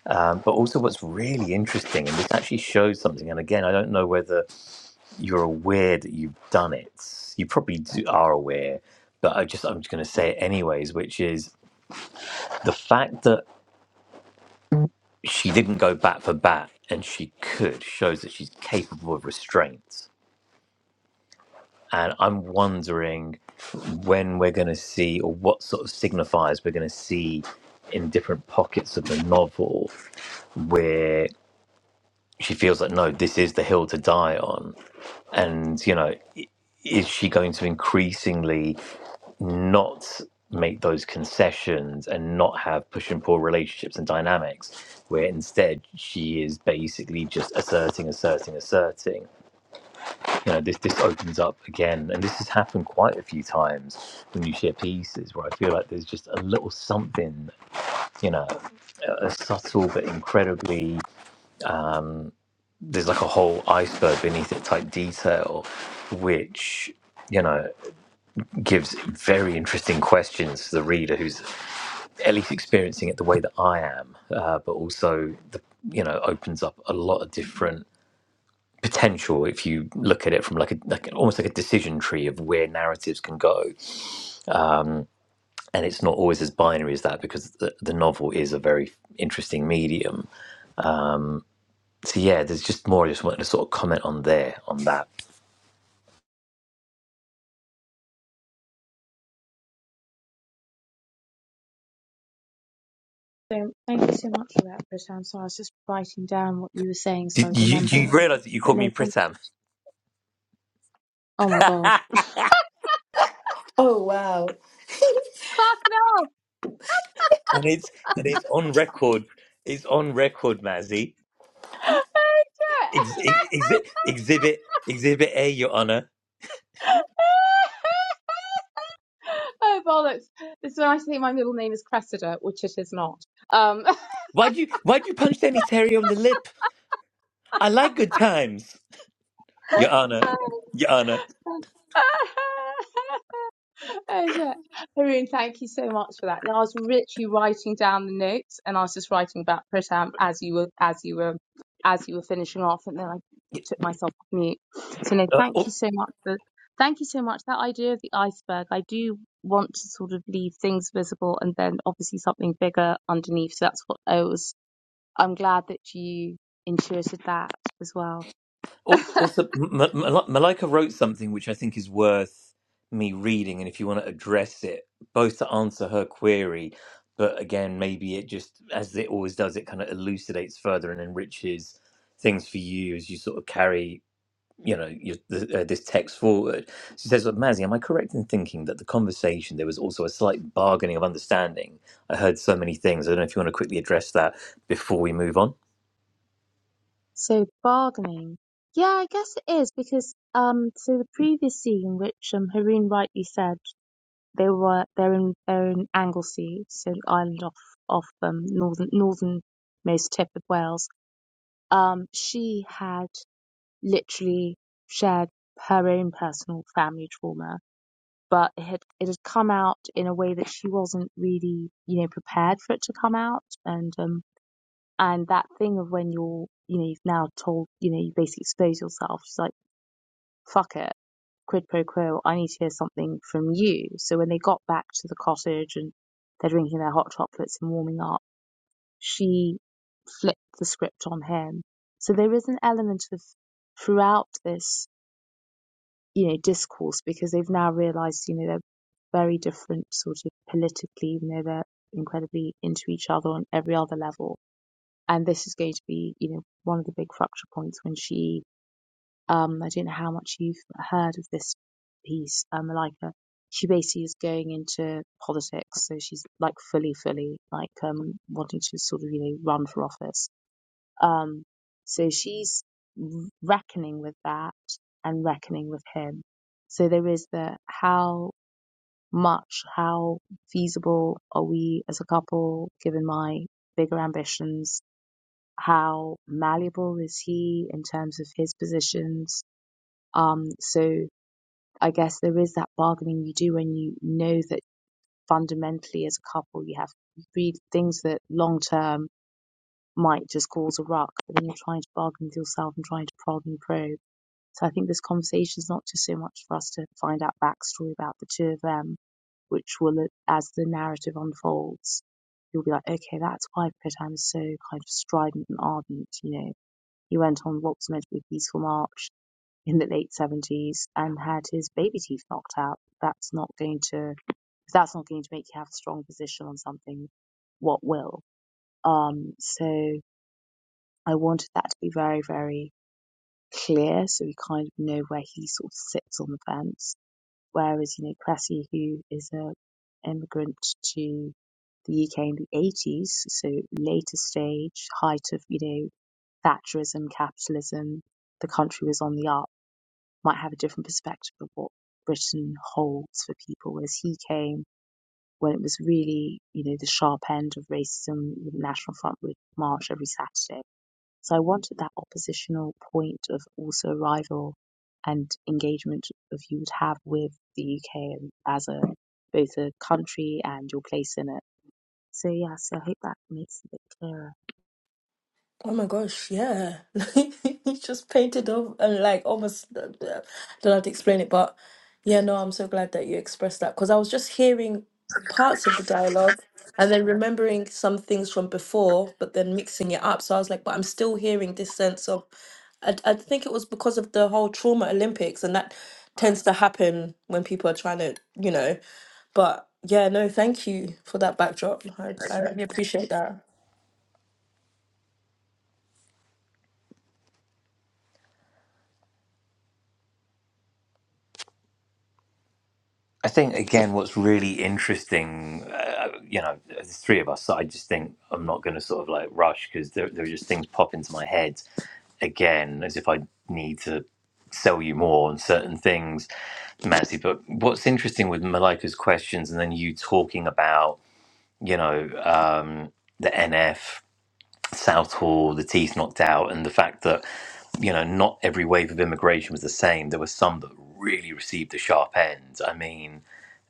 S1: Um, but also, what's really interesting, and this actually shows something, and again, I don't know whether you're aware that you've done it. You probably do, are aware, but I just, I'm just going to say it anyways, which is the fact that she didn't go bat for bat and she could shows that she's capable of restraint and I'm wondering when we're going to see, or what sort of signifiers we're going to see in different pockets of the novel where she feels like, no, this is the hill to die on. And, you know, i- is she going to increasingly not make those concessions and not have push and pull relationships and dynamics where instead she is basically just asserting, asserting, asserting? you know, this this opens up again, and this has happened quite a few times when you share pieces where I feel like there's just a little something, you know, a, a subtle but incredibly there's like a whole iceberg beneath it type detail, which you know gives very interesting questions to the reader who's at least experiencing it the way that I am, uh, but also the you know opens up a lot of different potential if you look at it from like a like almost like a decision tree of where narratives can go and it's not always as binary as that because the, the novel is a very interesting medium. Um, so yeah, there's just more. I just wanted to sort of comment on there on that.
S3: So thank you so much for that, Britta. I'm sorry, I was just writing down what you were saying so
S1: Did
S3: I'd
S1: you, do
S3: remember.
S1: you realize that you
S3: But
S1: called
S3: no,
S1: me
S3: thank
S1: Pritam?
S3: Oh my gosh.
S2: Oh wow.
S3: Fuck no!
S1: And it's and it's on record. It's on record, Mazzy.
S3: Oh,
S1: Ex-
S3: shit.
S1: ex- exhibit Exhibit A, Your Honor.
S3: Oh, bollocks. This is when I think my middle name is Cressida, which it is not. Um,
S1: Why'd you Why'd you punch Danny Terry on the lip? I like good times, Your Honor. Your Honor.
S3: um That's right. Haroon, thank you so much for that. Now I was literally writing down the notes and I was just writing about Pritam as you were as you were as you were finishing off and then I took myself off mute. So no, thank you so much for thank you so much. That idea of the iceberg, I do want to sort of leave things visible and then obviously something bigger underneath. So that's what I was I'm glad that you intuited that as well.
S1: Al- Also, M- M- Malika wrote something which I think is worth me reading, and if you want to address it, both to answer her query, but again, maybe it just, as it always does, it kind of elucidates further and enriches things for you as you sort of carry, you know, your, the, uh, this text forward. She says, well, "Mazzy, am I correct in thinking that the conversation there was also a slight bargaining of understanding? I heard so many things. I don't know if you want to quickly address that before we move on."
S3: So bargaining. Yeah, I guess it is because um so the previous scene which um Haroon rightly said they were they're in they're in Anglesey, so the island off off um northern northernmost tip of Wales. Um she had literally shared her own personal family trauma, but it had it had come out in a way that she wasn't really, you know, prepared for it to come out and um and that thing of when you're, you know, you've now told, you know, you basically expose yourself. She's like, fuck it, quid pro quo. I need to hear something from you. So when they got back to the cottage and they're drinking their hot chocolates and warming up, she flipped the script on him. So there is an element of throughout this, you know, discourse because they've now realised, you know, they're very different sort of politically, even though they're incredibly into each other on every other level and this is going to be you know one of the big fracture points when she um I don't know how much you've heard of this piece um Malika she basically is going into politics so she's like fully fully like um wanting to sort of you know run for office um so she's reckoning with that and reckoning with him so there is the how much how feasible are we as a couple given my bigger ambitions how malleable is he in terms of his positions? Um, so I guess there is that bargaining you do when you know that fundamentally as a couple you have three things that long term might just cause a ruck, but then you're trying to bargain with yourself and trying to prod and probe. So I think this conversation is not just so much for us to find out backstory about the two of them, which will, as the narrative unfolds, you'll be like, okay, that's why Pritam is so kind of strident and ardent, you know he went on what was meant to be a peaceful march in the late 70s and had his baby teeth knocked out. That's not going to, if that's not going to make you have a strong position on something, what will? Um, so I wanted that to be very, very clear so we kind of know where he sort of sits on the fence. Whereas, you know, Cressy, who is a immigrant to the UK in the 80s, so later stage, height of, you know, Thatcherism, capitalism, the country was on the up might have a different perspective of what Britain holds for people, whereas he came when it was really, you know, the sharp end of racism. The National Front would march every Saturday. So I wanted that oppositional point of also arrival and engagement of you would have with the UK and as a both a country and your place in it. So yes, I hope that makes it a bit clearer.
S2: Oh my gosh, yeah. He just painted off and like almost, I don't know how to explain it, but yeah, no, I'm so glad that you expressed that because I was just hearing parts of the dialogue and then remembering some things from before, but then mixing it up. So I was like, but I'm still hearing this sense of, I, I think it was because of the whole trauma Olympics and that tends to happen when people are trying to, you know, but yeah, no, thank you for that backdrop. I, I really appreciate that.
S1: I think again, what's really interesting, uh, you know, the three of us, I just think I'm not going to sort of like rush because there, there are just things pop into my head again, as if I need to sell you more on certain things, Matthew. But what's interesting with Malika's questions and then you talking about, you know, um, the NF, South Hall, the teeth knocked out, and the fact that you know, not every wave of immigration was the same. There were some that really received the sharp end. I mean,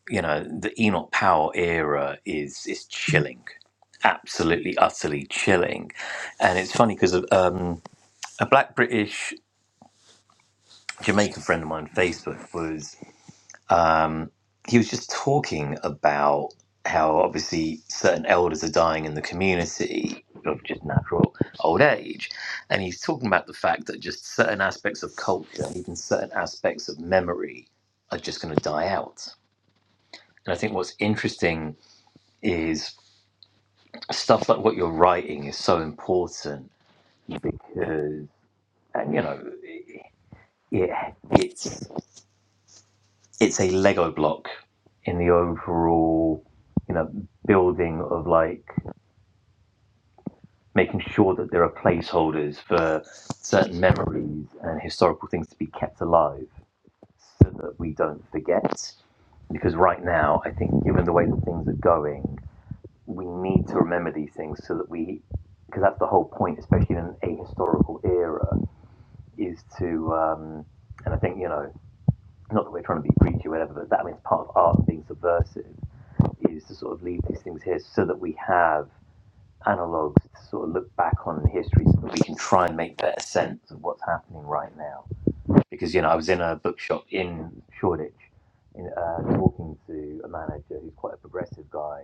S1: you know, the Enoch Powell era is is chilling, absolutely, utterly chilling. And it's funny because um, a black British Jamaican friend of mine on Facebook was um, he was just talking about how obviously certain elders are dying in the community of just natural old age. And he's talking about the fact that just certain aspects of culture, even certain aspects of memory, are just going to die out. And I think what's interesting is stuff like what you're writing is so important because, and you know, yeah, it's it's a Lego block in the overall, you know, building of like making sure that there are placeholders for certain memories and historical things to be kept alive so that we don't forget. Because right now, I think given the way that things are going, we need to remember these things so that we, because that's the whole point, especially in an ahistorical era is to, um, and I think, you know, not that we're trying to be preachy or whatever, but that means part of art being subversive is to sort of leave these things here so that we have analogues to sort of look back on in history so that we can try and make better sense of what's happening right now. Because, you know, I was in a bookshop in Shoreditch in, uh, talking to a manager who's quite a progressive guy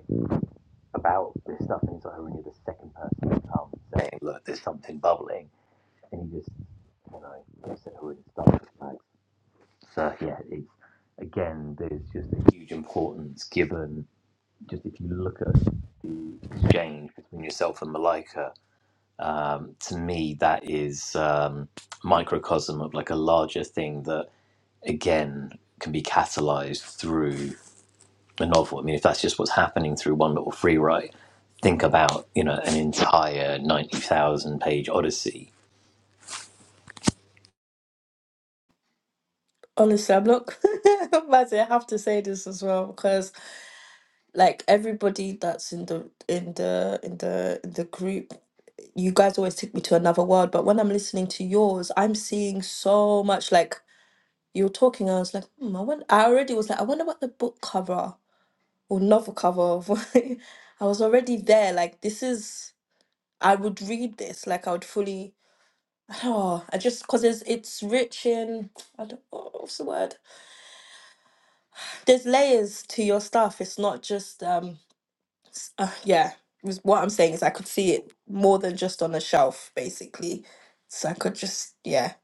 S1: about this stuff, and he's like, I'm the second person to come saying, look, there's something bubbling. And he just, you know, just said, who is stuff? like So yeah, it's again, there's just a huge importance given. Just if you look at the exchange between yourself and Malika, um, to me that is um, microcosm of like a larger thing that again can be catalyzed through a novel. I mean, if that's just what's happening through one little free write, think about you know an entire ninety thousand page odyssey.
S2: Honestly, I'm not. But I have to say this as well because, like, everybody that's in the in the in the in the group, you guys always take me to another world. But when I'm listening to yours, I'm seeing so much. Like you were talking, I was like, hmm, I wonder, I already was like, I wonder what the book cover or novel cover of. I was already there. Like this is, I would read this. Like I would fully. Oh, I don't know, I just because it's it's rich in I don't know what's the word there's layers to your stuff. It's not just um s- uh, yeah. was- What I'm saying is I could see it more than just on a shelf, basically. So I could just yeah.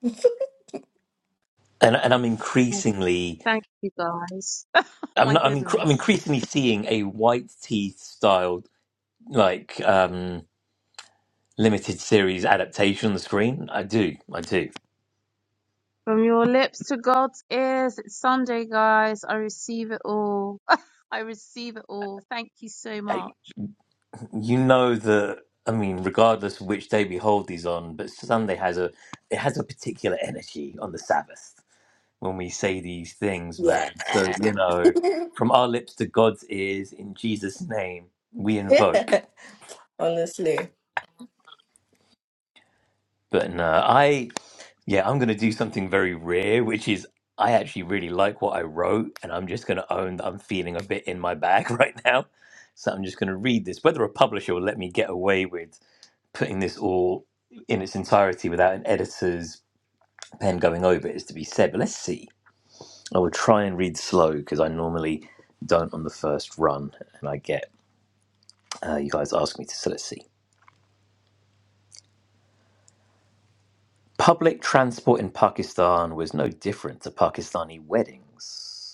S1: And and I'm
S3: Oh,
S1: increasingly
S3: thank you guys. Oh
S1: I'm
S3: my
S1: not, I'm, incre- I'm
S3: goodness.
S1: increasingly seeing a white tea style like um limited series adaptation on the screen. I do, I do.
S3: From your lips to God's ears, it's Sunday, guys. I receive it all. I receive it all. Thank you so
S1: I,
S3: much.
S1: you know that I mean, regardless of which day we hold these on, but Sunday has a it has a particular energy on the Sabbath when we say these things, man.
S2: Yeah.
S1: So you know, from our lips to God's ears, in Jesus' name, we invoke.
S2: yeah. Honestly.
S1: But no, I yeah, I'm gonna do something very rare, which is I actually really like what I wrote, and I'm just gonna own that I'm feeling a bit in my bag right now. So I'm just gonna read this. Whether a publisher will let me get away with putting this all in its entirety without an editor's pen going over it is to be said. But let's see. I will try and read slow because I normally don't on the first run, and I get uh, you guys ask me to. So let's see. Public transport in Pakistan was no different to Pakistani weddings.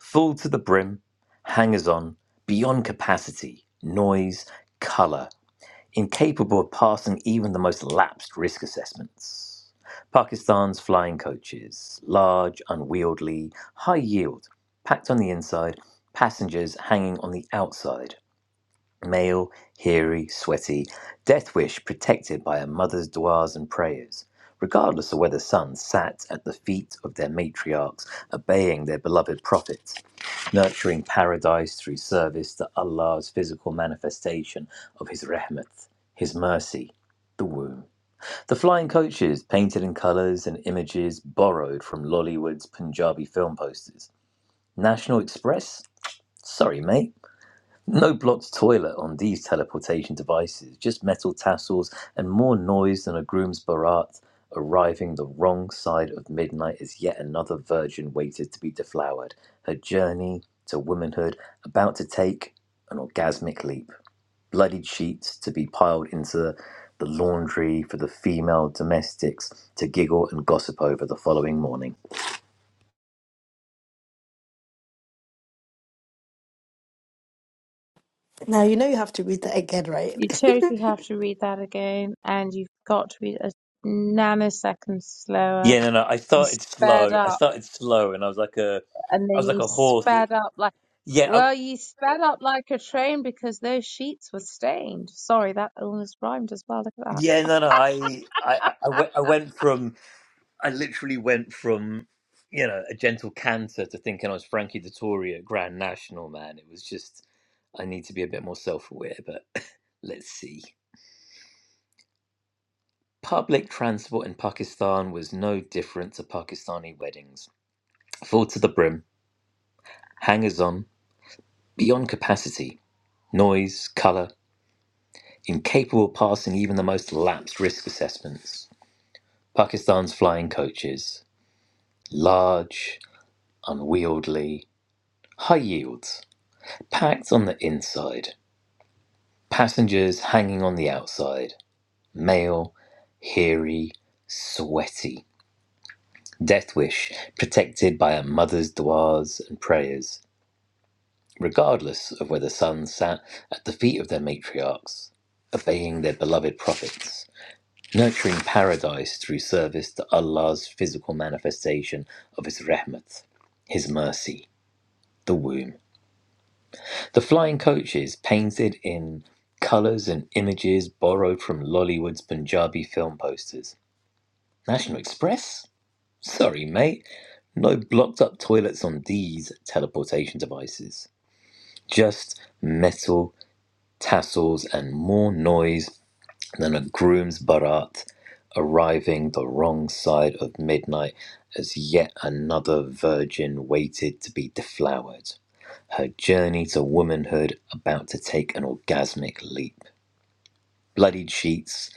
S1: Full to the brim, hangers on, beyond capacity, noise, colour, incapable of passing even the most lapsed risk assessments. Pakistan's flying coaches, large, unwieldy, high yield, packed on the inside, passengers hanging on the outside. Male, hairy, sweaty, death wish protected by a mother's duas and prayers, regardless of whether sons sat at the feet of their matriarchs, obeying their beloved prophets nurturing paradise through service to Allah's physical manifestation of His rahmat, His mercy, the womb. The flying coaches, painted in colours and images borrowed from Lollywood's Punjabi film posters. National Express? Sorry, mate. No blocked toilet on these teleportation devices, just metal tassels and more noise than a groom's barat. Arriving the wrong side of midnight as yet another virgin waited to be deflowered, her journey to womanhood about to take an orgasmic leap. Bloodied sheets to be piled into the laundry for the female domestics to giggle and gossip over the following morning.
S2: Now you know you have to read that again, right?
S3: You totally have to read that again, and you've got to read it a nanosecond slower.
S1: Yeah, no, no. I
S3: You
S1: started
S3: sped
S1: slow. I
S3: up,
S1: started slow, and I was like a,
S3: and
S1: I was
S3: then
S1: like
S3: you
S1: a horse. That,
S3: sped up like
S1: yeah, I,
S3: well, you sped up like a train because those sheets were stained. Sorry, that almost rhymed as well. Look at that.
S1: Yeah, no, no. I, I, I I went, I went from, I literally went from, you know, a gentle canter to thinking I was Frankie Dettori at Grand National. Man, it was just, I need to be a bit more self-aware. But let's see. Public transport in Pakistan was no different to Pakistani weddings. Full to the brim, hangers-on, beyond capacity, noise, colour, incapable of passing even the most lapsed risk assessments. Pakistan's flying coaches, large unwieldy, high yields, packed on the inside, passengers hanging on the outside, male, hairy, sweaty. Death wish, protected by a mother's duas and prayers, regardless of whether sons sat at the feet of their matriarchs, obeying their beloved prophets, nurturing paradise through service to Allah's physical manifestation of His rahmat, His mercy, the womb. The flying coaches, painted in colours and images borrowed from Lollywood's Punjabi film posters. National Express? Sorry, mate. No blocked up toilets on these teleportation devices. Just metal, tassels, and more noise than a groom's barat arriving the wrong side of midnight as yet another virgin waited to be deflowered her journey to womanhood about to take an orgasmic leap. Bloodied sheets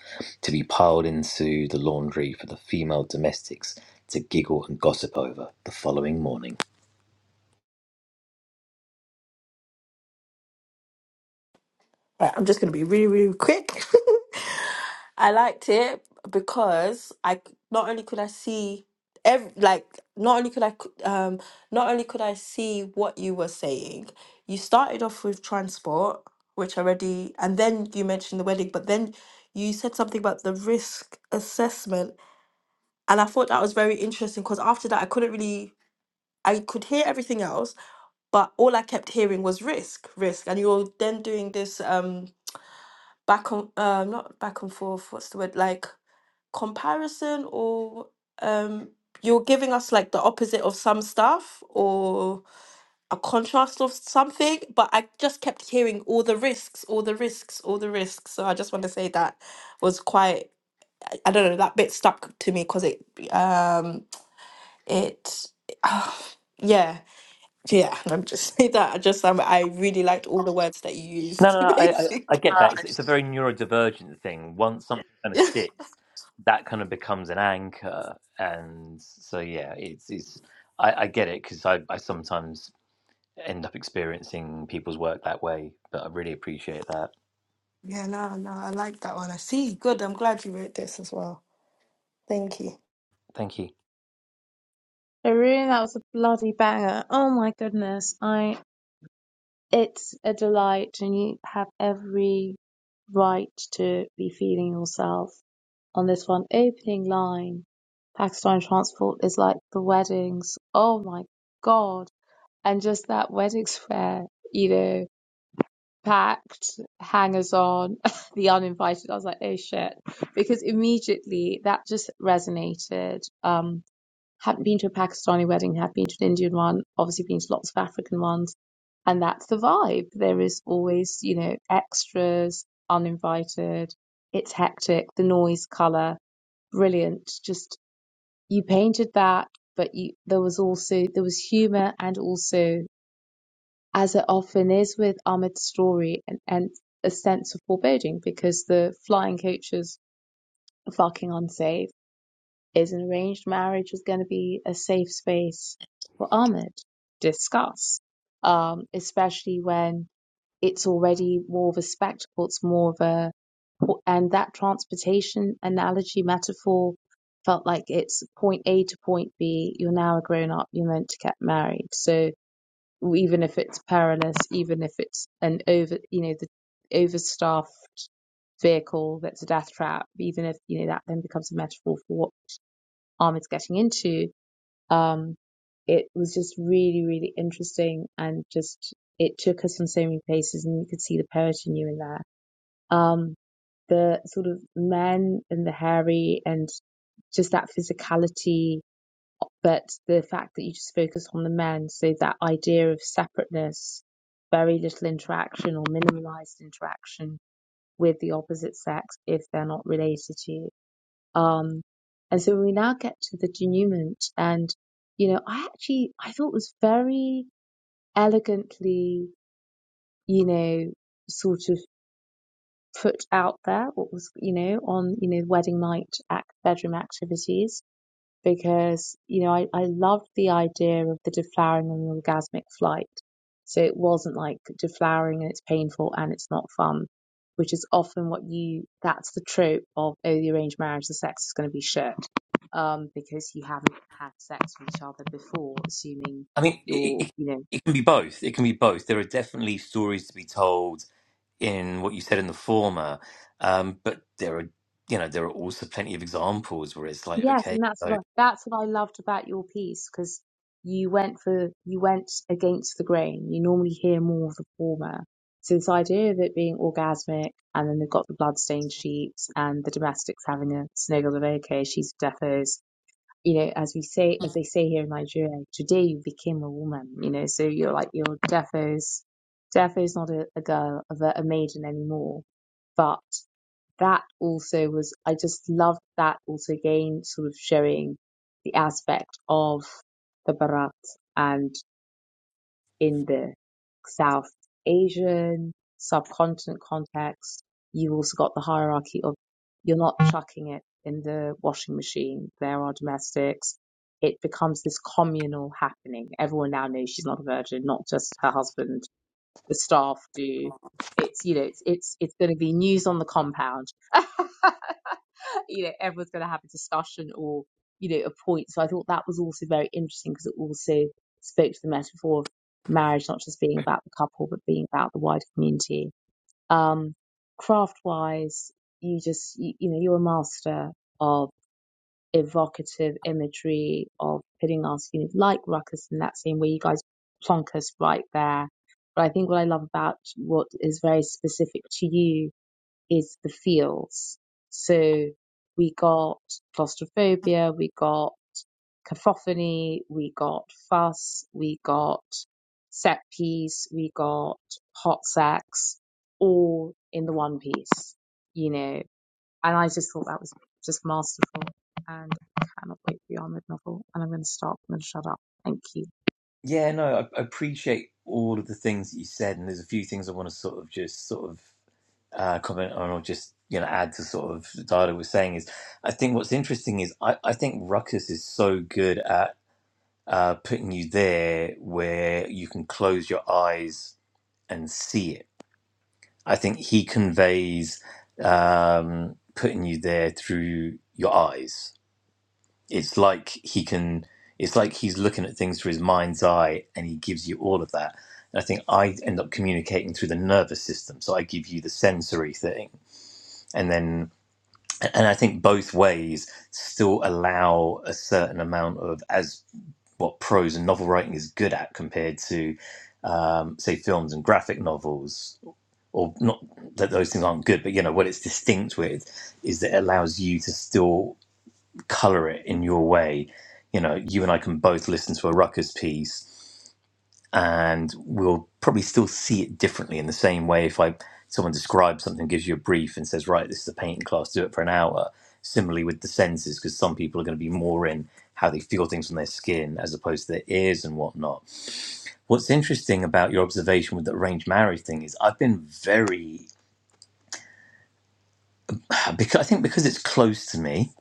S1: to be piled into the laundry for the female domestics to giggle and gossip over the following morning.
S2: Right, I'm just going to be really, really quick. I liked it because I c- not only could I see every like not only could I c- um not only could I see what you were saying. You started off with transport, which already, and then you mentioned the wedding, but then you said something about the risk assessment, and I thought that was very interesting because after that I couldn't really I could hear everything else, but all I kept hearing was risk, risk, and you're then doing this um back on um not back and forth what's the word like comparison or um you're giving us like the opposite of some stuff or a contrast of something but i just kept hearing all the risks all the risks all the risks so i just want to say that was quite i I don't know that bit stuck to me because it um it yeah yeah Let me just say that i just um, i really liked all the words that you
S1: No,
S2: used
S1: no, no I, I, I
S2: basically
S1: get that. It's, it's a very neurodivergent thing. Once something kind of sticks, that kind of becomes an anchor. And so, yeah, it's, it's I, I get it because I, I sometimes end up experiencing people's work that way. But I really appreciate that.
S2: Yeah, no, no, I like that one. I see. Good. I'm glad you wrote this as well. Thank you.
S1: Thank you.
S3: Haroon, that was a bloody banger. Oh my goodness, I it's a delight, and you have every right to be feeling yourself on this one opening line. Pakistani transport is like the weddings. Oh my God. And just that wedding square, you know, packed, hangers on, the uninvited. I was like, oh shit. Because immediately that just resonated. Um, hadn't been to a Pakistani wedding, had been to an Indian one, obviously been to lots of African ones and that's the vibe. There is always, you know, extras, uninvited. It's hectic. The noise, color, brilliant. Just you painted that, but you there was also there was humor and also, as it often is with Ahmed's story, and, and a sense of foreboding because the flying coaches are fucking unsafe. Is an arranged marriage is going to be a safe space for Ahmed? Discuss, um, especially when it's already more of a spectacle. It's more of a, and that transportation analogy metaphor felt like it's point A to point B. You're now a grown up. You're meant to get married. So even if it's perilous, even if it's an over, you know, the overstaffed vehicle that's a death trap, even if, you know, that then becomes a metaphor for what Ahmed's getting into um, it was just really, really interesting and just it took us in so many places and you could see the poet in you in there. Um, the sort of men and the hairy and just that physicality, but the fact that you just focus on the men. So that idea of separateness, very little interaction or minimalized interaction with the opposite sex if they're not related to you um, and so we now get to the denouement, and you know, I actually I thought was very elegantly, you know, sort of put out there what was you know on you know wedding night act, bedroom activities because you know I, I loved the idea of the deflowering and the orgasmic flight. So it wasn't like deflowering and it's painful and it's not fun, which is often what you that's the trope of oh the arranged marriage the sex is going to be shit um because you haven't had sex with each other before, assuming
S1: I mean, it,
S3: you're
S1: it,
S3: you know
S1: it can be both. It can be both. There are definitely stories to be told in what you said in the former, um, but there are, you know, there are also plenty of examples where it's like,
S3: Yes,
S1: okay,
S3: and that's
S1: so
S3: what I, that's what I loved about your piece because you went for you went against the grain. You normally hear more of the former. So this idea of it being orgasmic, and then they've got the bloodstained sheets and the domestics having a snuggle of okay, she's defos. You know, as we say, as they say here in Nigeria, today you became a woman. You know, so you're like you're defos. Defos not a, a girl, a, a maiden anymore, but that also was I just loved that also again sort of showing the aspect of the Bharat and in the South Asian subcontinent context, you've also got the hierarchy of you're not chucking it in the washing machine. There are domestics. It becomes this communal happening. Everyone now knows she's not a virgin, not just her husband. The staff do. It's you know, it's it's it's going to be news on the compound. you know, everyone's going to have a discussion or, you know, a point. So I thought that was also very interesting because it also spoke to the metaphor of marriage not just being about the couple, but being about the wider community. Um, craft wise, you just, you, you know, you're a master of evocative imagery, of putting us, you know, like Ruckus in that scene where you guys plonk us right there. But I think what I love about what is very specific to you is the feels. So we got claustrophobia, we got cacophony, we got fuss, we got set piece, we got hot sex, all in the one piece, you know. And I just thought that was just masterful. And I cannot wait for your Ahmed novel. And I'm going to stop. I'm going to shut up. Thank you.
S1: yeah, no, I, I appreciate all of the things that you said, and there's a few things I want to sort of just sort of uh, comment on or just you know add to sort of the dialogue was saying is, I think what's interesting is I, I think Ruckus is so good at uh, putting you there where you can close your eyes and see it I think he conveys um, putting you there through your eyes. It's like he can. It's like he's looking at things through his mind's eye, and he gives you all of that. And I think I end up communicating through the nervous system, so I give you the sensory thing, and then and I think both ways still allow a certain amount of as what prose and novel writing is good at compared to um, say films and graphic novels or not that those things aren't good, but you know what it's distinct with is that it allows you to still color it in your way. You know, you and I can both listen to a Ruckus piece, and we'll probably still see it differently in the same way. If I someone describes something, gives you a brief, and says, "Right, this is a painting class. Do it for an hour." Similarly with the senses, because some people are going to be more in how they feel things on their skin as opposed to their ears and whatnot. What's interesting about your observation with the arranged marriage thing is I've been very because I think because it's close to me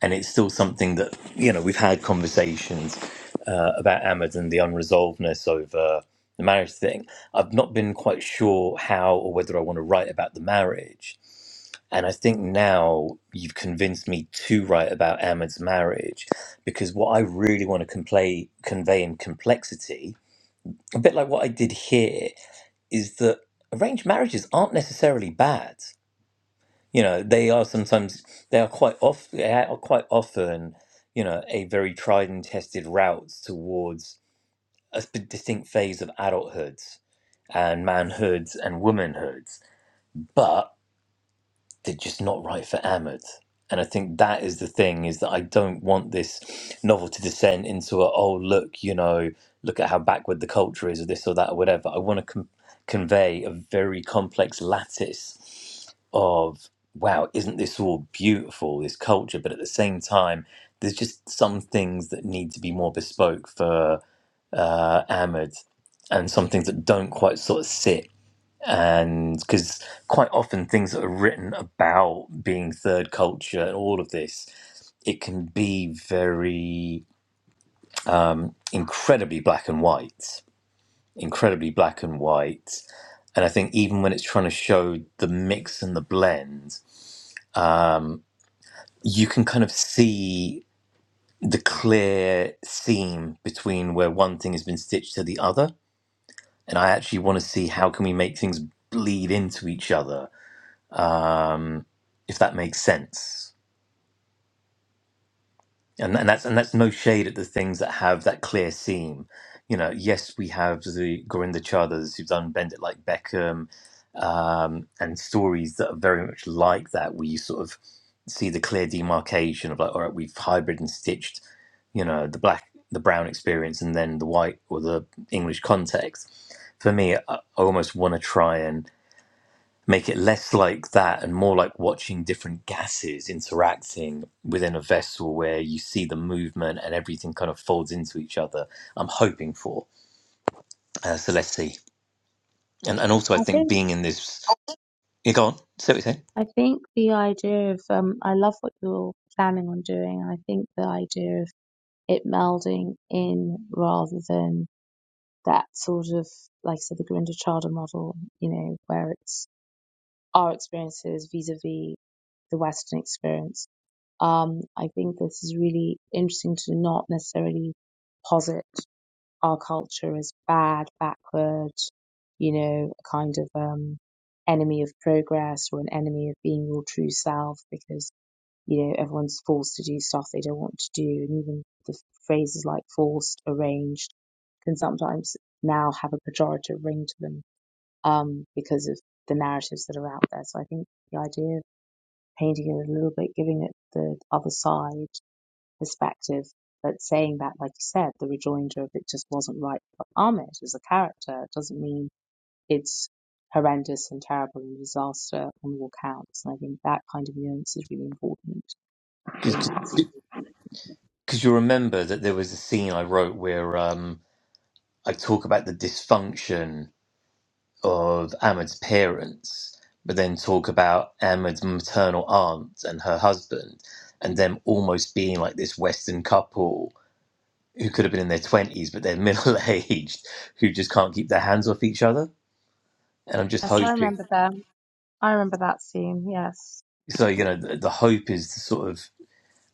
S1: and it's still something that you know we've had conversations uh, about Ahmed and the unresolvedness over the marriage thing. I've not been quite sure how or whether I want to write about the marriage. And I think now you've convinced me to write about Ahmed's marriage because what I really want to complay, convey in complexity, a bit like what I did here, is that arranged marriages aren't necessarily bad you know they are sometimes they are quite off they are quite often you know a very tried and tested route towards a sp- distinct phase of adulthood and manhoods and womanhoods but they're just not right for Ahmed. And I think that is the thing is that I don't want this novel to descend into a oh look you know look at how backward the culture is or this or that or whatever. I want to com- convey a very complex lattice of wow isn't this all beautiful this culture, but at the same time there's just some things that need to be more bespoke for uh, Ahmed and some things that don't quite sort of sit and because quite often things that are written about being third culture and all of this it can be very um, incredibly black and white incredibly black and white and i think even when it's trying to show the mix and the blend you can kind of see the clear seam between where one thing has been stitched to the other and i actually want to see how can we make things bleed into each other um, if that makes sense. And, and that's and that's no shade at the things that have that clear seam. You know, yes, we have the Gorinda Chadas who've done Bend It Like Beckham, um, and stories that are very much like that, where you sort of see the clear demarcation of like, all right, we've hybrid and stitched, you know, the black, the brown experience, and then the white or the English context. For me, I I almost want to try and make it less like that and more like watching different gases interacting within a vessel where you see the movement and everything kind of folds into each other. I'm hoping for. Uh, so let's see. And and also I
S3: I
S1: think
S3: think
S1: being in this. Yeah, go on. Say what you're saying.
S3: I think the idea of um, I love what you're planning on doing. I think the idea of it melding in rather than that sort of, like I said, the Grinda Chadha model, you know, where it's our experiences vis-a-vis the Western experience. Um, I think this is really interesting to not necessarily posit our culture as bad, backward, you know, a kind of um, enemy of progress or an enemy of being your true self, because you know, everyone's forced to do stuff they don't want to do. And even the phrases like forced, arranged can sometimes now have a pejorative ring to them um, because of the narratives that are out there. So I think the idea of painting it a little bit, giving it the other side perspective, but saying that, like you said, the rejoinder of it just wasn't right for Ahmed as a character doesn't mean it's horrendous and terrible and disaster on all counts. And I think that kind of nuance is really important
S1: Because
S3: Yes.
S1: because you remember that there was a scene I wrote where um, I talk about the dysfunction of Ahmed's parents, but then talk about Ahmed's maternal aunt and her husband, and them almost being like this Western couple who could have been in their 20s but they're middle aged who just can't keep their hands off each other and i'm just
S3: Yes, I
S1: hoping
S3: remember them. I remember that scene. Yes.
S1: so you know the, the hope is to sort of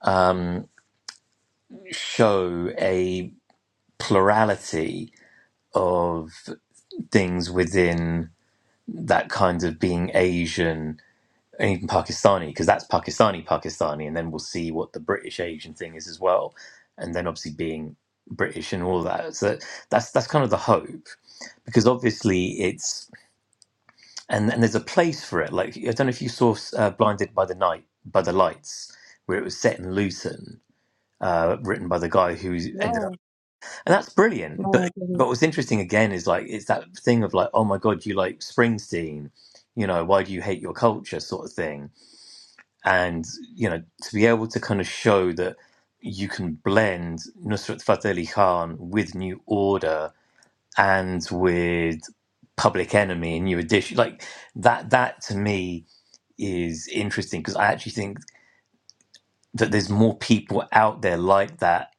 S1: um show a plurality of things within that kind of being asian and even pakistani because that's pakistani pakistani and then we'll see what the british asian thing is as well and then obviously being british and all that so that's that's kind of the hope because obviously it's and and there's a place for it. Like I don't know if you saw uh, Blinded by the Night by the Lights, where it was set in Luton, uh, written by the guy who ended
S3: No,
S1: up, and that's brilliant. But
S3: no, I
S1: but
S3: didn't.
S1: what's interesting again is like it's that thing of like, oh my god, you like Springsteen, you know, why do you hate your culture, sort of thing, and you know, to be able to kind of show that you can blend Nusrat Fateh Ali Khan with New Order and with Public Enemy and New Edition, like that. That to me is interesting because I actually think that there's more people out there like that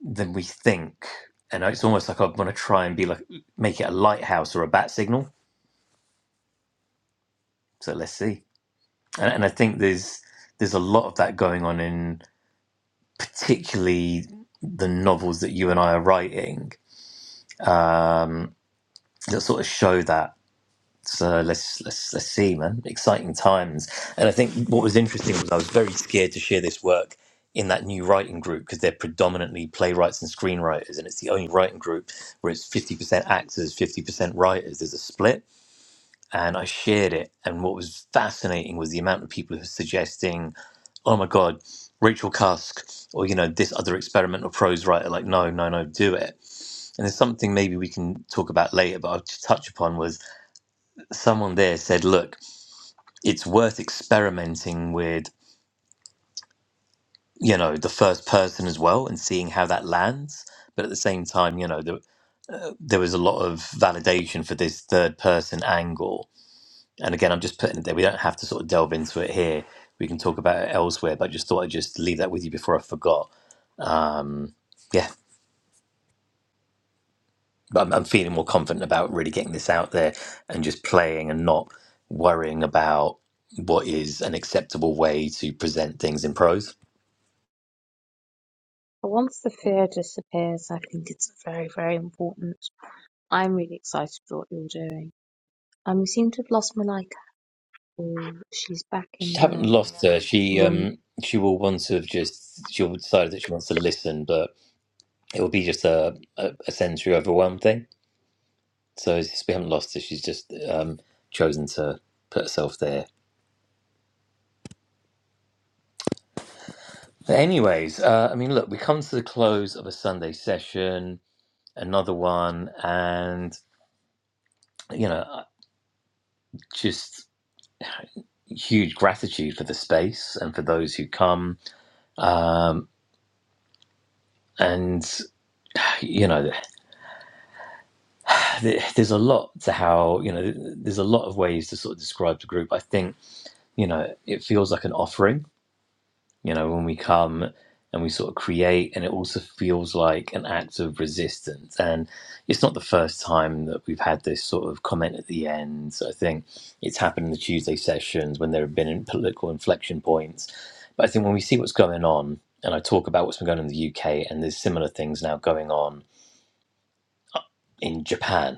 S1: than we think. And it's almost like I want to try and be like make it a lighthouse or a bat signal. So let's see. And, and I think there's there's a lot of that going on in particularly the novels that you and I are writing that sort of show that. So let's let's let's see, man. Exciting times. And I think what was interesting was I was very scared to share this work in that new writing group because they're predominantly playwrights and screenwriters, and it's the only writing group where it's fifty percent actors, fifty percent writers. There's a split, and I shared it. And what was fascinating was the amount of people who were suggesting, "Oh my god, Rachel Cusk," or you know, this other experimental prose writer. Like, no, no, no, do it. And there's something maybe we can talk about later, but I'll just touch upon was someone there said, look, it's worth experimenting with, you know, the first person as well and seeing how that lands. But at the same time, you know, the, uh, there was a lot of validation for this third person angle. And again, I'm just putting it there. We don't have to sort of delve into it here. We can talk about it elsewhere. But I just thought I'd just leave that with you before I forgot. Yeah. But I'm, I'm feeling more confident about really getting this out there and just playing and not worrying about what is an acceptable way to present things in prose.
S3: But once the fear disappears, I think it's very, very important. I'm really excited for what you're doing. Um, we seem to have lost Malika. Oh, she's back in
S1: She haven't
S3: the
S1: lost her. She
S3: room.
S1: um she will want to just she'll decide that she wants to listen, but it will be just a a, a sensory overwhelm thing. So it's just, we haven't lost her. She's just um chosen to put herself there. But anyways, uh, I mean, look, we come to the close of a Sunday session, another one, and you know, uh, just huge gratitude for the space and for those who come. Um, and you know, th- there's a lot to how you know there's a lot of ways to sort of describe the group i think you know it feels like an offering you know when we come and we sort of create and it also feels like an act of resistance and it's not the first time that we've had this sort of comment at the end so i think it's happened in the tuesday sessions when there have been political inflection points but i think when we see what's going on and i talk about what's been going on in the uk and there's similar things now going on in japan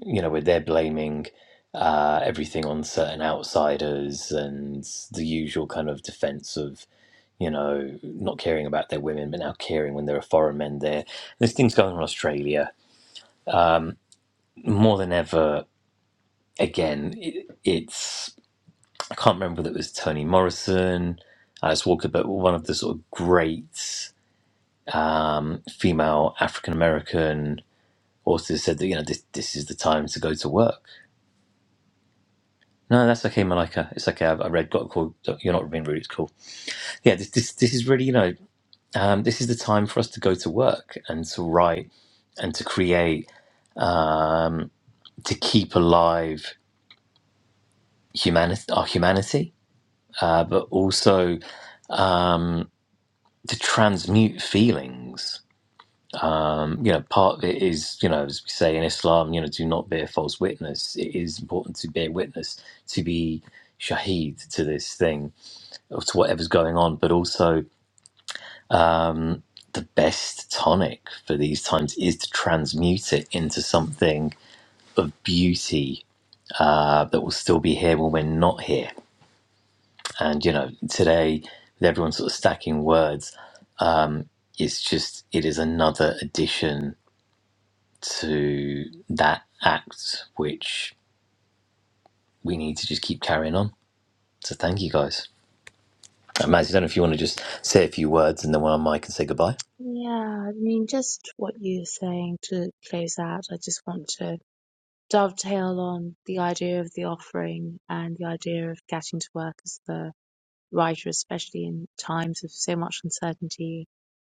S1: you know, where they're blaming uh, everything on certain outsiders and the usual kind of defense of, you know, not caring about their women, but now caring when there are foreign men there. There's things going on in Australia more than ever. Again, it, it's, I can't remember whether it was Toni Morrison, Alice Walker, but one of the sort of great um, female African American authors said that, you know, this, this is the time to go to work No, that's okay, Malika. It's okay. I, I read got called. You're not being rude. It's cool. Yeah, this this this is really you know um, this is the time for us to go to work and to write and to create um, to keep alive humanity our humanity, uh, but also um, to transmute feelings. Um, you know, part of it is you know as we say in Islam, you know, do not bear false witness. It is important to bear witness to be shaheed to this thing or to whatever's going on, but also the best tonic for these times is to transmute it into something of beauty uh, that will still be here when we're not here. And you know, today with everyone sort of stacking words, it's just it is another addition to that act which we need to just keep carrying on. So thank you guys. Uh, Maz, I don't know if you want to just say a few words and then we're on mic and say goodbye.
S3: Yeah, I mean, just what you're saying to close out. I just want to dovetail on the idea of the offering and the idea of getting to work as the writer, especially in times of so much uncertainty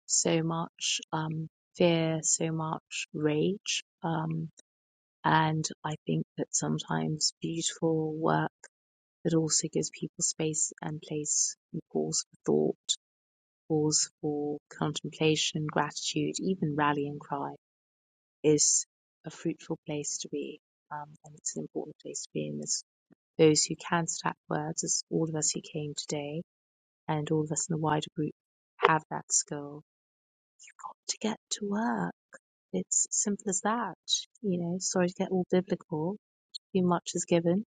S3: so much um, fear, so much rage. Um, and I think that sometimes beautiful work that also gives people space and place and pause for thought, pause for contemplation, gratitude, even rallying cry is a fruitful place to be. Um, and it's an important place to be in this. Those who can stack words, as all of us who came today, and all of us in the wider group have that skill, got to get to work It's simple as that. You know, sorry to get all biblical. Be much is given,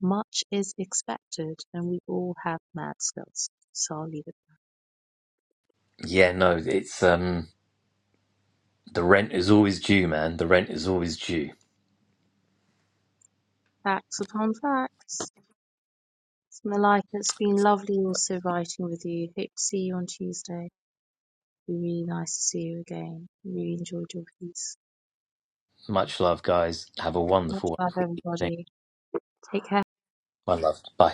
S3: much is expected, and we all have mad skills. So I'll leave it.
S1: Yeah, no, it's um the rent is always due, man. The rent is always due.
S3: Facts upon facts. It's Malika, it's been lovely also writing with you. Hope to see you on Tuesday. Be really nice to see you again. Really enjoyed your piece.
S1: Much love, guys. Have a
S3: Much
S1: wonderful,
S3: love,
S1: wonderful evening.
S3: everybody. Take care.
S1: One love. Bye.